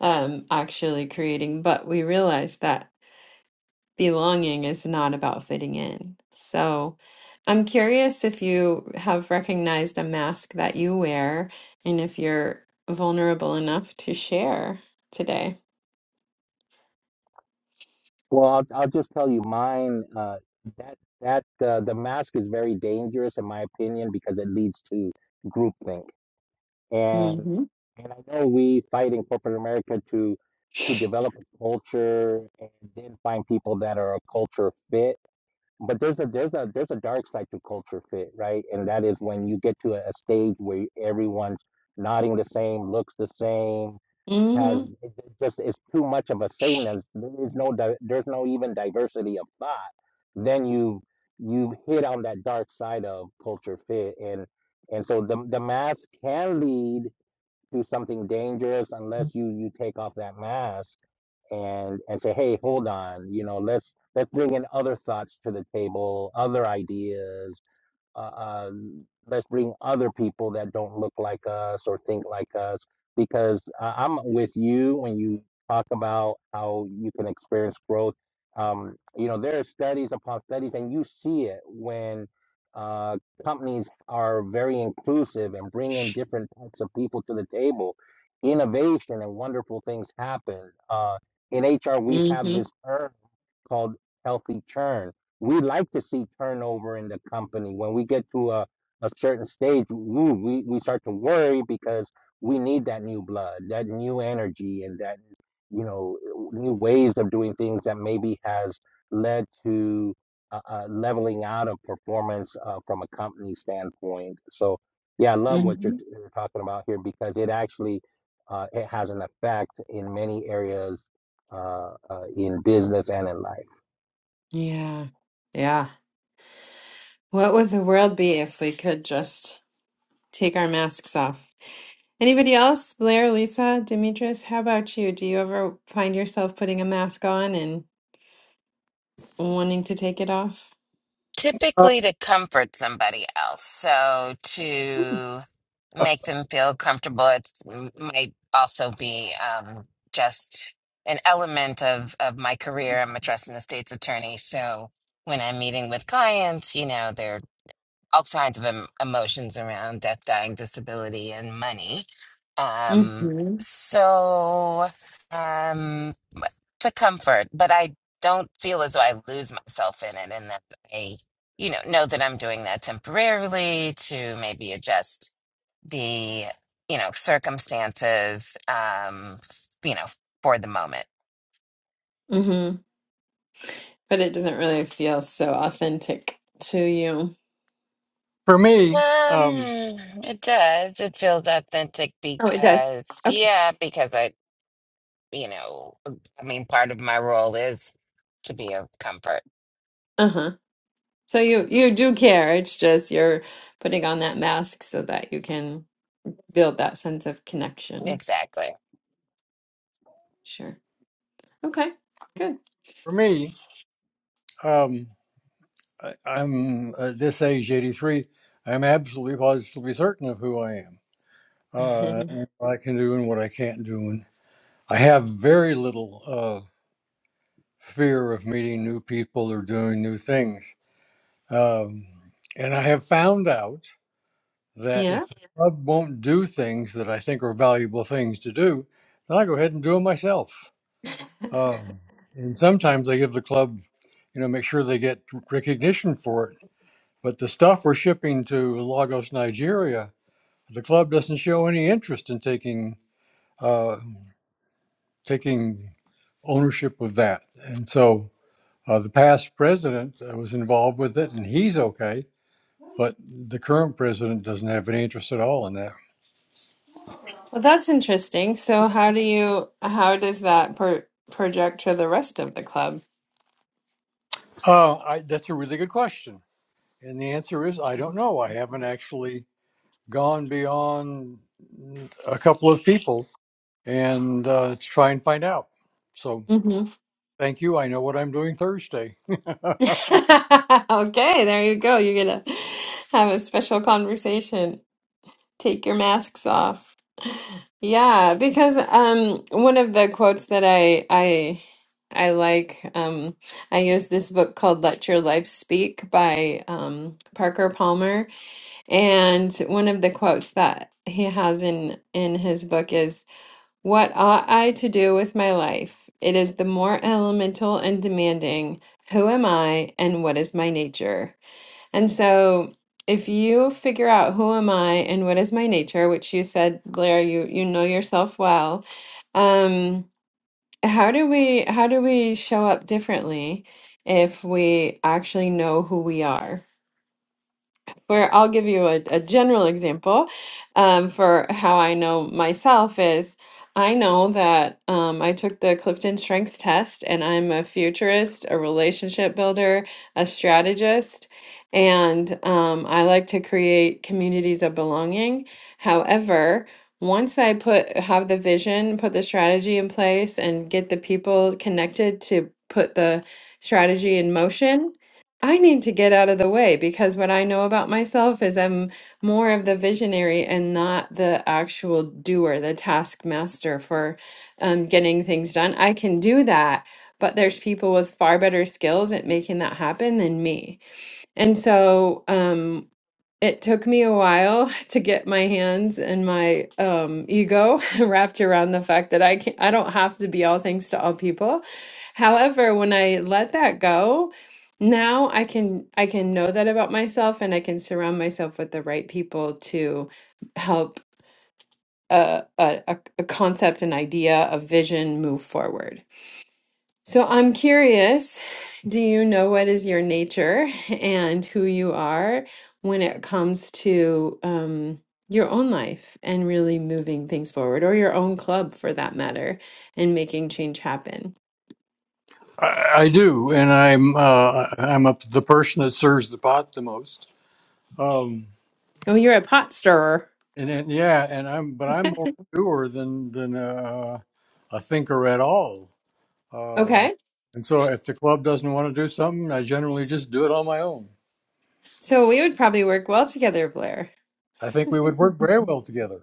[SPEAKER 2] um actually creating, but we realize that belonging is not about fitting in. So I'm curious if you have recognized a mask that you wear and if you're vulnerable enough to share today.
[SPEAKER 6] well, I'll, I'll just tell you mine. Uh, that that uh, the mask is very dangerous, in my opinion, because it leads to groupthink. And
[SPEAKER 2] Mm-hmm.
[SPEAKER 6] and I know we fight in corporate America to to develop a culture and then find people that are a culture fit. But there's a there's a there's a dark side to culture fit, right? And that is when you get to a, a stage where everyone's nodding the same, looks the same, has
[SPEAKER 2] Mm-hmm.
[SPEAKER 6] it it just is too much of a sameness. There's no di- there's no even diversity of thought. Then you you hit on that dark side of culture fit, and and so the the mask can lead to something dangerous unless you you take off that mask and and say, hey, hold on, you know, let's let's bring in other thoughts to the table, other ideas, uh, uh, let's bring other people that don't look like us or think like us because uh, i'm with you when you talk about how you can experience growth um, you know there are studies upon studies and you see it when uh, companies are very inclusive and bring in different types of people to the table innovation and wonderful things happen uh, in hr we have this
[SPEAKER 2] Mm-hmm.
[SPEAKER 6] term called healthy churn we like to see turnover in the company. When we get to a, a certain stage, ooh, we, we start to worry because we need that new blood, that new energy, and that, you know, new ways of doing things that maybe has led to uh, uh, leveling out of performance uh, from a company standpoint. So, yeah, I love what
[SPEAKER 2] Mm-hmm.
[SPEAKER 6] you're, you're talking about here because it actually uh, it has an effect in many areas uh, uh, in business and in life.
[SPEAKER 2] Yeah. Yeah. What would the world be if we could just take our masks off? Anybody else? Blair, Lisa, Demetrius, how about you? Do you ever find yourself putting a mask on and wanting to take it off?
[SPEAKER 5] Uh,
[SPEAKER 1] typically to comfort somebody else. So to make them feel comfortable, it might also be um, just an element of, of my career. I'm a trust and estates attorney. So when I'm meeting with clients, you know, they're all kinds of em- emotions around death, dying, disability, and money. Um,
[SPEAKER 2] Mm-hmm.
[SPEAKER 1] so um, to comfort, but I don't feel as though I lose myself in it, and that I, you know, know that I'm doing that temporarily to maybe adjust the, you know, circumstances, um, f- you know, for the moment.
[SPEAKER 2] but it doesn't really feel so authentic to you.
[SPEAKER 5] for me,
[SPEAKER 1] Um,
[SPEAKER 5] um,
[SPEAKER 1] it does. It feels authentic
[SPEAKER 2] Oh, it does.
[SPEAKER 1] because,
[SPEAKER 2] Okay.
[SPEAKER 1] yeah, because I. you know, I mean, part of my role is to be of comfort.
[SPEAKER 2] Uh-huh. So you you do care. It's just you're putting on that mask so that you can build that sense of connection.
[SPEAKER 1] Exactly.
[SPEAKER 2] Sure. Okay. Good.
[SPEAKER 5] for me, um, I, I'm at this age, 83. I'm absolutely positively certain of who I am, uh, and what I can do and what I can't do. And I have very little uh, fear of meeting new people or doing new things. Um, and I have found out that
[SPEAKER 2] Yeah.
[SPEAKER 5] if the club won't do things that I think are valuable things to do, then I go ahead and do them myself.
[SPEAKER 2] Well,
[SPEAKER 5] Um, and sometimes they give the club, you know, make sure they get recognition for it. But the stuff we're shipping to Lagos, Nigeria, the club doesn't show any interest in taking uh, taking ownership of that. And so uh, the past president uh, was involved with it, and he's okay. But the current president doesn't have any interest at all in that.
[SPEAKER 2] that's interesting. So how do you how does that per project to the rest of the club?
[SPEAKER 5] Uh, I, that's a really good question, and the answer is I don't know. I haven't actually gone beyond a couple of people and uh, to try and find out. So
[SPEAKER 2] hmm
[SPEAKER 5] thank you. I know what I'm doing Thursday. I,
[SPEAKER 2] Okay, there you go. You're gonna have a special conversation. Take your masks off. Yeah, because um one of the quotes that I I I like um I use this book called Let Your Life Speak by um Parker Palmer and one of the quotes that he has in in his book is what ought I to do with my life? It is the more elemental and demanding. Who am I and what is my nature? And so if you figure out who am I and what is my nature, which you said, Blair, you you know yourself well, um, how do we how do we show up differently if we actually know who we are? where I'll give you a, a general example um, for how I know myself is I know that um, I took the Clifton Strengths test and I'm a futurist, a relationship builder, a strategist, and um, I like to create communities of belonging. However, once I put have the vision, put the strategy in place, and get the people connected to put the strategy in motion, I need to get out of the way because what I know about myself is I'm more of the visionary and not the actual doer, the taskmaster for um, getting things done. I can do that, but there's people with far better skills at making that happen than me. And so, um, it took me a while to get my hands and my um, ego wrapped around the fact that I can not I don't have to be all things to all people. However, when I let that go, now I can I can know that about myself, and I can surround myself with the right people to help a a, a a concept, an idea, a vision move forward. So I'm curious, do you know what is your nature and who you are when it comes to um, your own life and really moving things forward, or your own club for that matter, and making change happen?
[SPEAKER 5] I do, and I'm uh, I'm up the person that serves the pot the most. Um,
[SPEAKER 2] Oh, you're a pot stirrer.
[SPEAKER 5] and, and yeah, and I'm but I'm more a doer than than uh, a thinker at all. Um,
[SPEAKER 2] Okay.
[SPEAKER 5] and so if the club doesn't want to do something, I generally just do it on my own.
[SPEAKER 2] So we would probably work well together, Blair.
[SPEAKER 5] I think we would work very well together.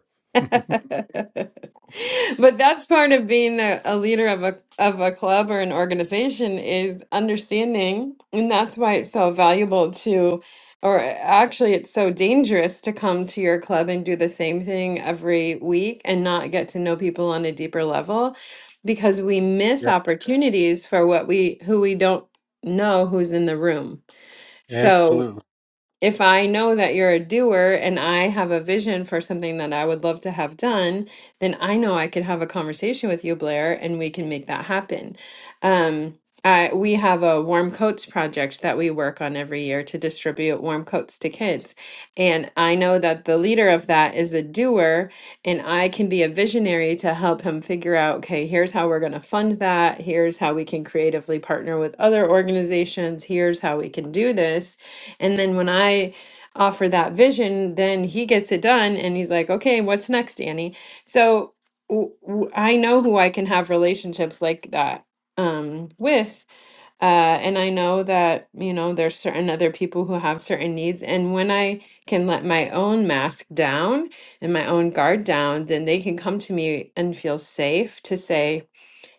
[SPEAKER 2] But that's part of being a, a leader of a of a club or an organization is understanding, and that's why it's so valuable to, or actually, it's so dangerous to come to your club and do the same thing every week and not get to know people on a deeper level, because we miss opportunities for what we who we don't know who's in the room.
[SPEAKER 5] Yeah,
[SPEAKER 2] So
[SPEAKER 5] absolutely.
[SPEAKER 2] if I know that you're a doer and I have a vision for something that I would love to have done, then I know I could have a conversation with you, Blair, and we can make that happen. Um, I, we have a warm coats project that we work on every year to distribute warm coats to kids. And I know that the leader of that is a doer, and I can be a visionary to help him figure out okay, here's how we're going to fund that. Here's how we can creatively partner with other organizations. Here's how we can do this and then when I offer that vision, then he gets it done and he's like, okay, what's next, Annie? So w- w- I know who I can have relationships like that um, with. Uh, and I know that, you know, there's certain other people who have certain needs. And when I can let my own mask down and my own guard down, then they can come to me and feel safe to say,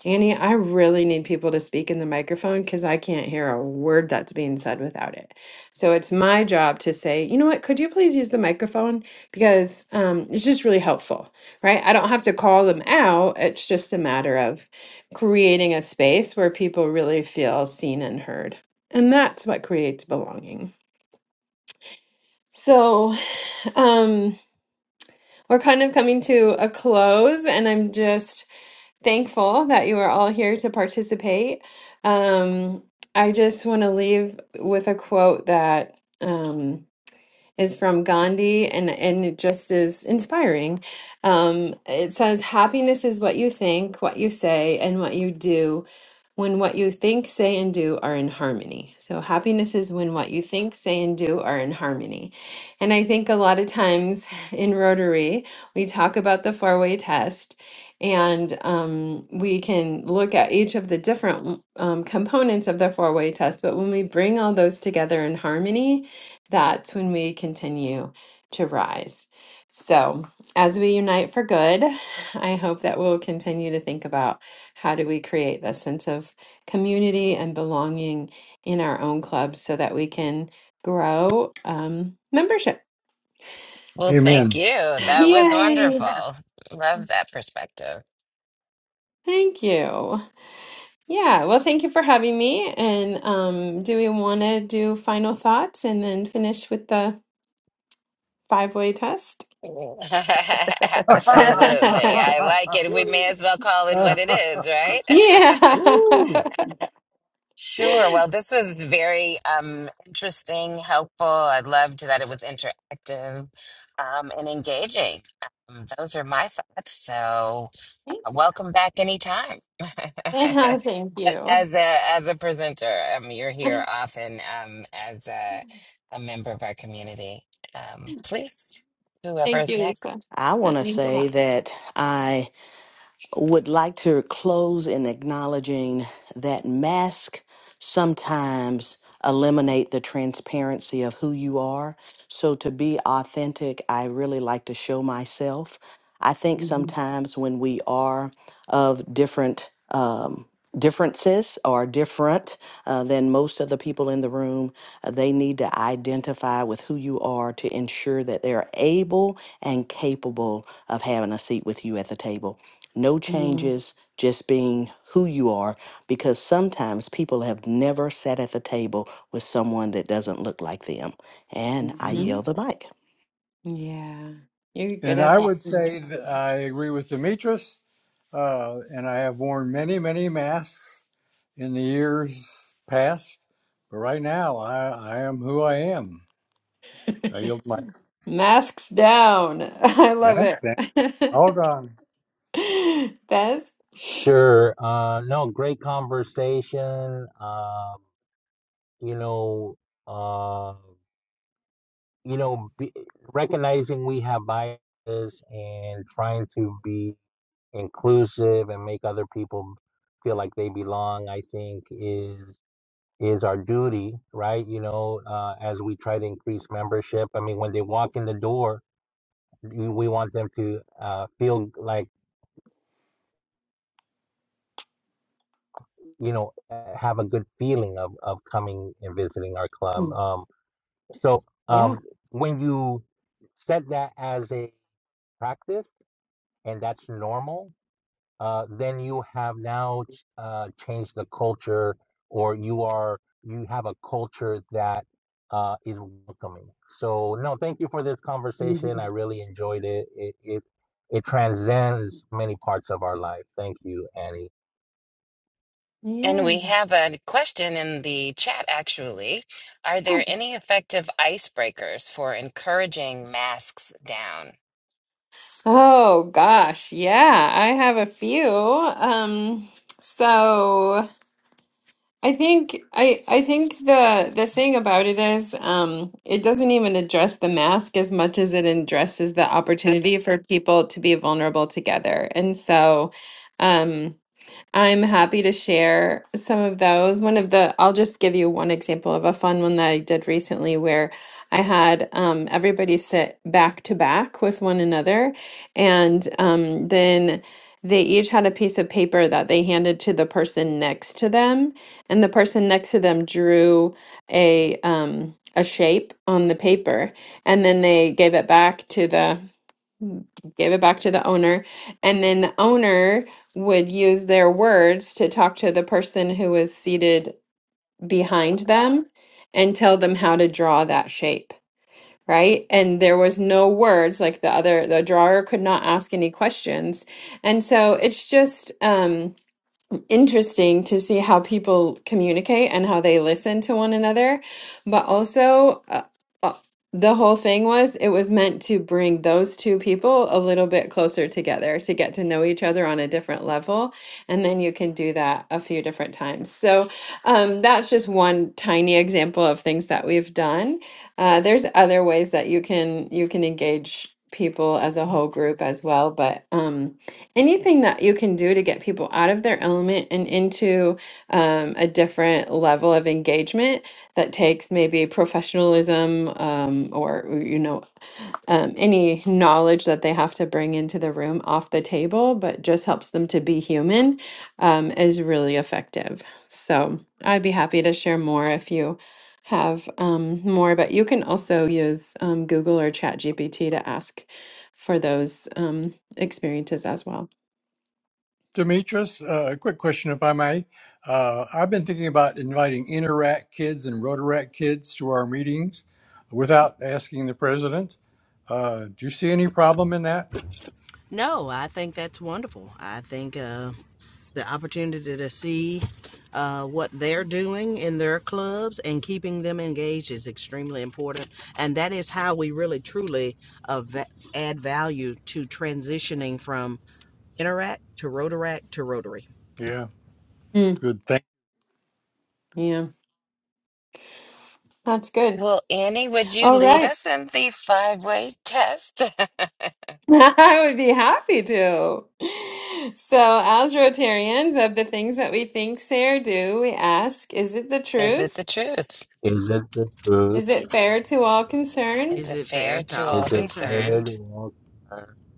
[SPEAKER 2] Annie, I really need people to speak in the microphone because I can't hear a word that's being said without it. So it's my job to say, you know what, could you please use the microphone? Because um, it's just really helpful, right? I don't have to call them out. It's just a matter of creating a space where people really feel seen and heard. And that's what creates belonging. So um, we're kind of coming to a close, and I'm just thankful that you are all here to participate. Um, I just want to leave with a quote that. um, is from Gandhi, and, and it just is inspiring. Um, it says, Happiness is what you think, what you say, and what you do when what you think, say, and do are in harmony. So, happiness is when what you think, say, and do are in harmony. And I think a lot of times in Rotary, we talk about the four way test. And um, we can look at each of the different um, components of the four way test. But when we bring all those together in harmony, that's when we continue to rise. So, as we unite for good, I hope that we'll continue to think about how do we create that sense of community and belonging in our own clubs so that we can grow um, membership.
[SPEAKER 1] Well, thank
[SPEAKER 5] Amen.
[SPEAKER 1] you. That was
[SPEAKER 2] Yay!
[SPEAKER 1] wonderful. Love that perspective.
[SPEAKER 2] Thank you. Yeah, well, thank you for having me. And um, do we want to do final thoughts and then finish with the five way test?
[SPEAKER 1] Absolutely. I like it. We may as well call it what it is, right?
[SPEAKER 2] yeah.
[SPEAKER 5] Ooh.
[SPEAKER 1] Sure.
[SPEAKER 2] Thanks.
[SPEAKER 1] Well, this was very um, interesting, helpful. I loved that it was interactive um, and engaging. Um, those are my thoughts. So Uh, Welcome back anytime.
[SPEAKER 2] Yeah, thank you.
[SPEAKER 1] As a as a presenter, um, you're here often um, as a, a member of our community. Um, please,
[SPEAKER 2] Thank
[SPEAKER 1] whoever's
[SPEAKER 2] you, Lisa.
[SPEAKER 1] next.
[SPEAKER 3] I
[SPEAKER 2] That
[SPEAKER 3] want to
[SPEAKER 2] means a
[SPEAKER 3] say
[SPEAKER 2] lot.
[SPEAKER 3] that I would like to close in acknowledging that masks sometimes eliminate the transparency of who you are. So to be authentic, I really like to show myself. I think
[SPEAKER 2] Mhm.
[SPEAKER 3] sometimes when we are of different um, differences or different uh, than most of the people in the room. Uh, They need to identify with who you are to ensure that they're able and capable of having a seat with you at the table. No
[SPEAKER 2] Mhm.
[SPEAKER 3] changes, just being who you are, because sometimes people have never sat at the table with someone that doesn't look like them. And I
[SPEAKER 5] hmm
[SPEAKER 2] Mhm.
[SPEAKER 3] yell the mic.
[SPEAKER 2] Yeah, you're good
[SPEAKER 5] And
[SPEAKER 2] at
[SPEAKER 5] I
[SPEAKER 2] that.
[SPEAKER 5] would say that I agree with Demetrius, uh, and I have worn many, many masks in the years past. But right now, I, I am who I am. I yield my
[SPEAKER 2] Masks down. I love
[SPEAKER 5] mask.
[SPEAKER 2] it.
[SPEAKER 5] and All gone.
[SPEAKER 2] Bez?
[SPEAKER 6] Sure. Uh, no, great conversation. Um, you know, uh, you know, be, recognizing we have biases and trying to be inclusive and make other people feel like they belong, I think is is our duty, right? You know, uh, as we try to increase membership. I mean, when they walk in the door, we we want them to uh, feel like you know uh, have a good feeling of of coming and visiting our club.
[SPEAKER 2] Mm,
[SPEAKER 6] Um, So
[SPEAKER 2] Yeah.
[SPEAKER 6] um, when you set that as a practice and that's normal, uh, then you have now ch- uh, changed the culture, or you are you have a culture that uh, is welcoming. So no, thank you for this conversation. I
[SPEAKER 2] Mhm.
[SPEAKER 6] really enjoyed it. It it it transcends many parts of our life. Thank you, Annie.
[SPEAKER 1] And
[SPEAKER 2] Yeah.
[SPEAKER 1] we have a question in the chat actually. Are there any effective icebreakers for encouraging masks down?
[SPEAKER 2] Oh gosh, yeah, I have a few. Um, so. I think I I think the the thing about it is um it doesn't even address the mask as much as it addresses the opportunity for people to be vulnerable together. And so um I'm happy to share some of those. One of the, I'll just give you one example of a fun one that I did recently where I had um, everybody sit back to back with one another. And um, then they each had a piece of paper that they handed to the person next to them. And the person next to them drew a, um, a shape on the paper. And then they gave it back to the gave it back to the owner and then the owner would use their words to talk to the person who was seated behind them and tell them how to draw that shape right and there was no words like the other the drawer could not ask any questions and so it's just um interesting to see how people communicate and how they listen to one another. But also, uh, uh, the whole thing was it was meant to bring those two people a little bit closer together to get to know each other on a different level. And then you can do that a few different times. So, um, that's just one tiny example of things that we've done. Uh, there's other ways that you can you can engage people as a whole group as well, but um anything that you can do to get people out of their element and into um, a different level of engagement that takes maybe professionalism um, or you know um, any knowledge that they have to bring into the room off the table, but just helps them to be human, um, is really effective. So I'd be happy to share more if you have um, more, but you can also use um, Google or ChatGPT to ask for those. um, experiences as well.
[SPEAKER 5] Demetris, uh, a quick question, if I may. Uh, I've been thinking about inviting Interact kids and Rotaract kids to our meetings without asking the president. Uh, do you see any problem in that?
[SPEAKER 3] No, I think that's wonderful. I think uh, the opportunity to see uh, what they're doing in their clubs and keeping them engaged is extremely important. And that is how we really truly uh, add value to transitioning from Interact to Rotaract to Rotary.
[SPEAKER 5] Yeah,
[SPEAKER 2] Mm,
[SPEAKER 5] good. Thank.
[SPEAKER 2] yeah, that's good.
[SPEAKER 1] Well, Annie, would you
[SPEAKER 2] All
[SPEAKER 1] lead
[SPEAKER 2] right.
[SPEAKER 1] us in the five-way test?
[SPEAKER 2] I would be happy to. So, as Rotarians, of the things that we think, say, or do, we ask, is it the
[SPEAKER 1] Is it
[SPEAKER 2] truth?
[SPEAKER 1] the truth?
[SPEAKER 6] Is it the truth?
[SPEAKER 2] Is it fair to all
[SPEAKER 1] Is
[SPEAKER 3] Is
[SPEAKER 2] concerned?
[SPEAKER 1] it
[SPEAKER 3] it fair
[SPEAKER 1] fair
[SPEAKER 3] to
[SPEAKER 1] to
[SPEAKER 3] all
[SPEAKER 6] Is
[SPEAKER 1] all
[SPEAKER 6] it prayer
[SPEAKER 3] concerned?
[SPEAKER 1] concerned?
[SPEAKER 6] to walk?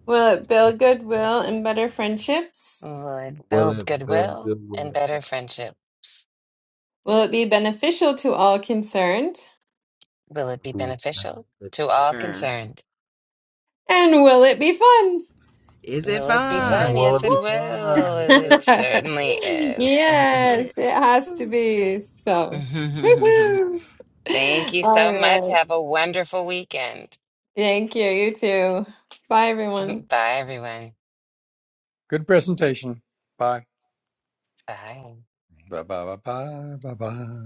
[SPEAKER 2] Will it build goodwill and better friendships?
[SPEAKER 1] Lord,
[SPEAKER 6] Will
[SPEAKER 1] build
[SPEAKER 6] it build
[SPEAKER 1] goodwill and
[SPEAKER 6] goodwill?
[SPEAKER 1] better friendship.
[SPEAKER 2] Will it be beneficial to all concerned?
[SPEAKER 1] Will it be
[SPEAKER 6] Will
[SPEAKER 1] beneficial
[SPEAKER 6] be
[SPEAKER 1] to all
[SPEAKER 3] Er,
[SPEAKER 6] fun?
[SPEAKER 1] concerned?
[SPEAKER 2] And will it be fun?
[SPEAKER 3] Is it
[SPEAKER 1] Will it be
[SPEAKER 6] And
[SPEAKER 1] fun?
[SPEAKER 3] fun?
[SPEAKER 6] will
[SPEAKER 1] Yes,
[SPEAKER 6] it be
[SPEAKER 1] it will.
[SPEAKER 6] fun?
[SPEAKER 1] It
[SPEAKER 6] Yeah.
[SPEAKER 1] certainly is.
[SPEAKER 2] Yes, it has to
[SPEAKER 3] Woo!
[SPEAKER 2] be. So, woohoo!
[SPEAKER 1] Thank you
[SPEAKER 2] All
[SPEAKER 1] so much.
[SPEAKER 2] right.
[SPEAKER 1] Have a wonderful weekend.
[SPEAKER 2] Thank you. You too. Bye, everyone.
[SPEAKER 1] Bye, everyone.
[SPEAKER 5] Good presentation. Bye.
[SPEAKER 1] Bye.
[SPEAKER 5] Bye. Bye. Bye. Bye. Bye. ba.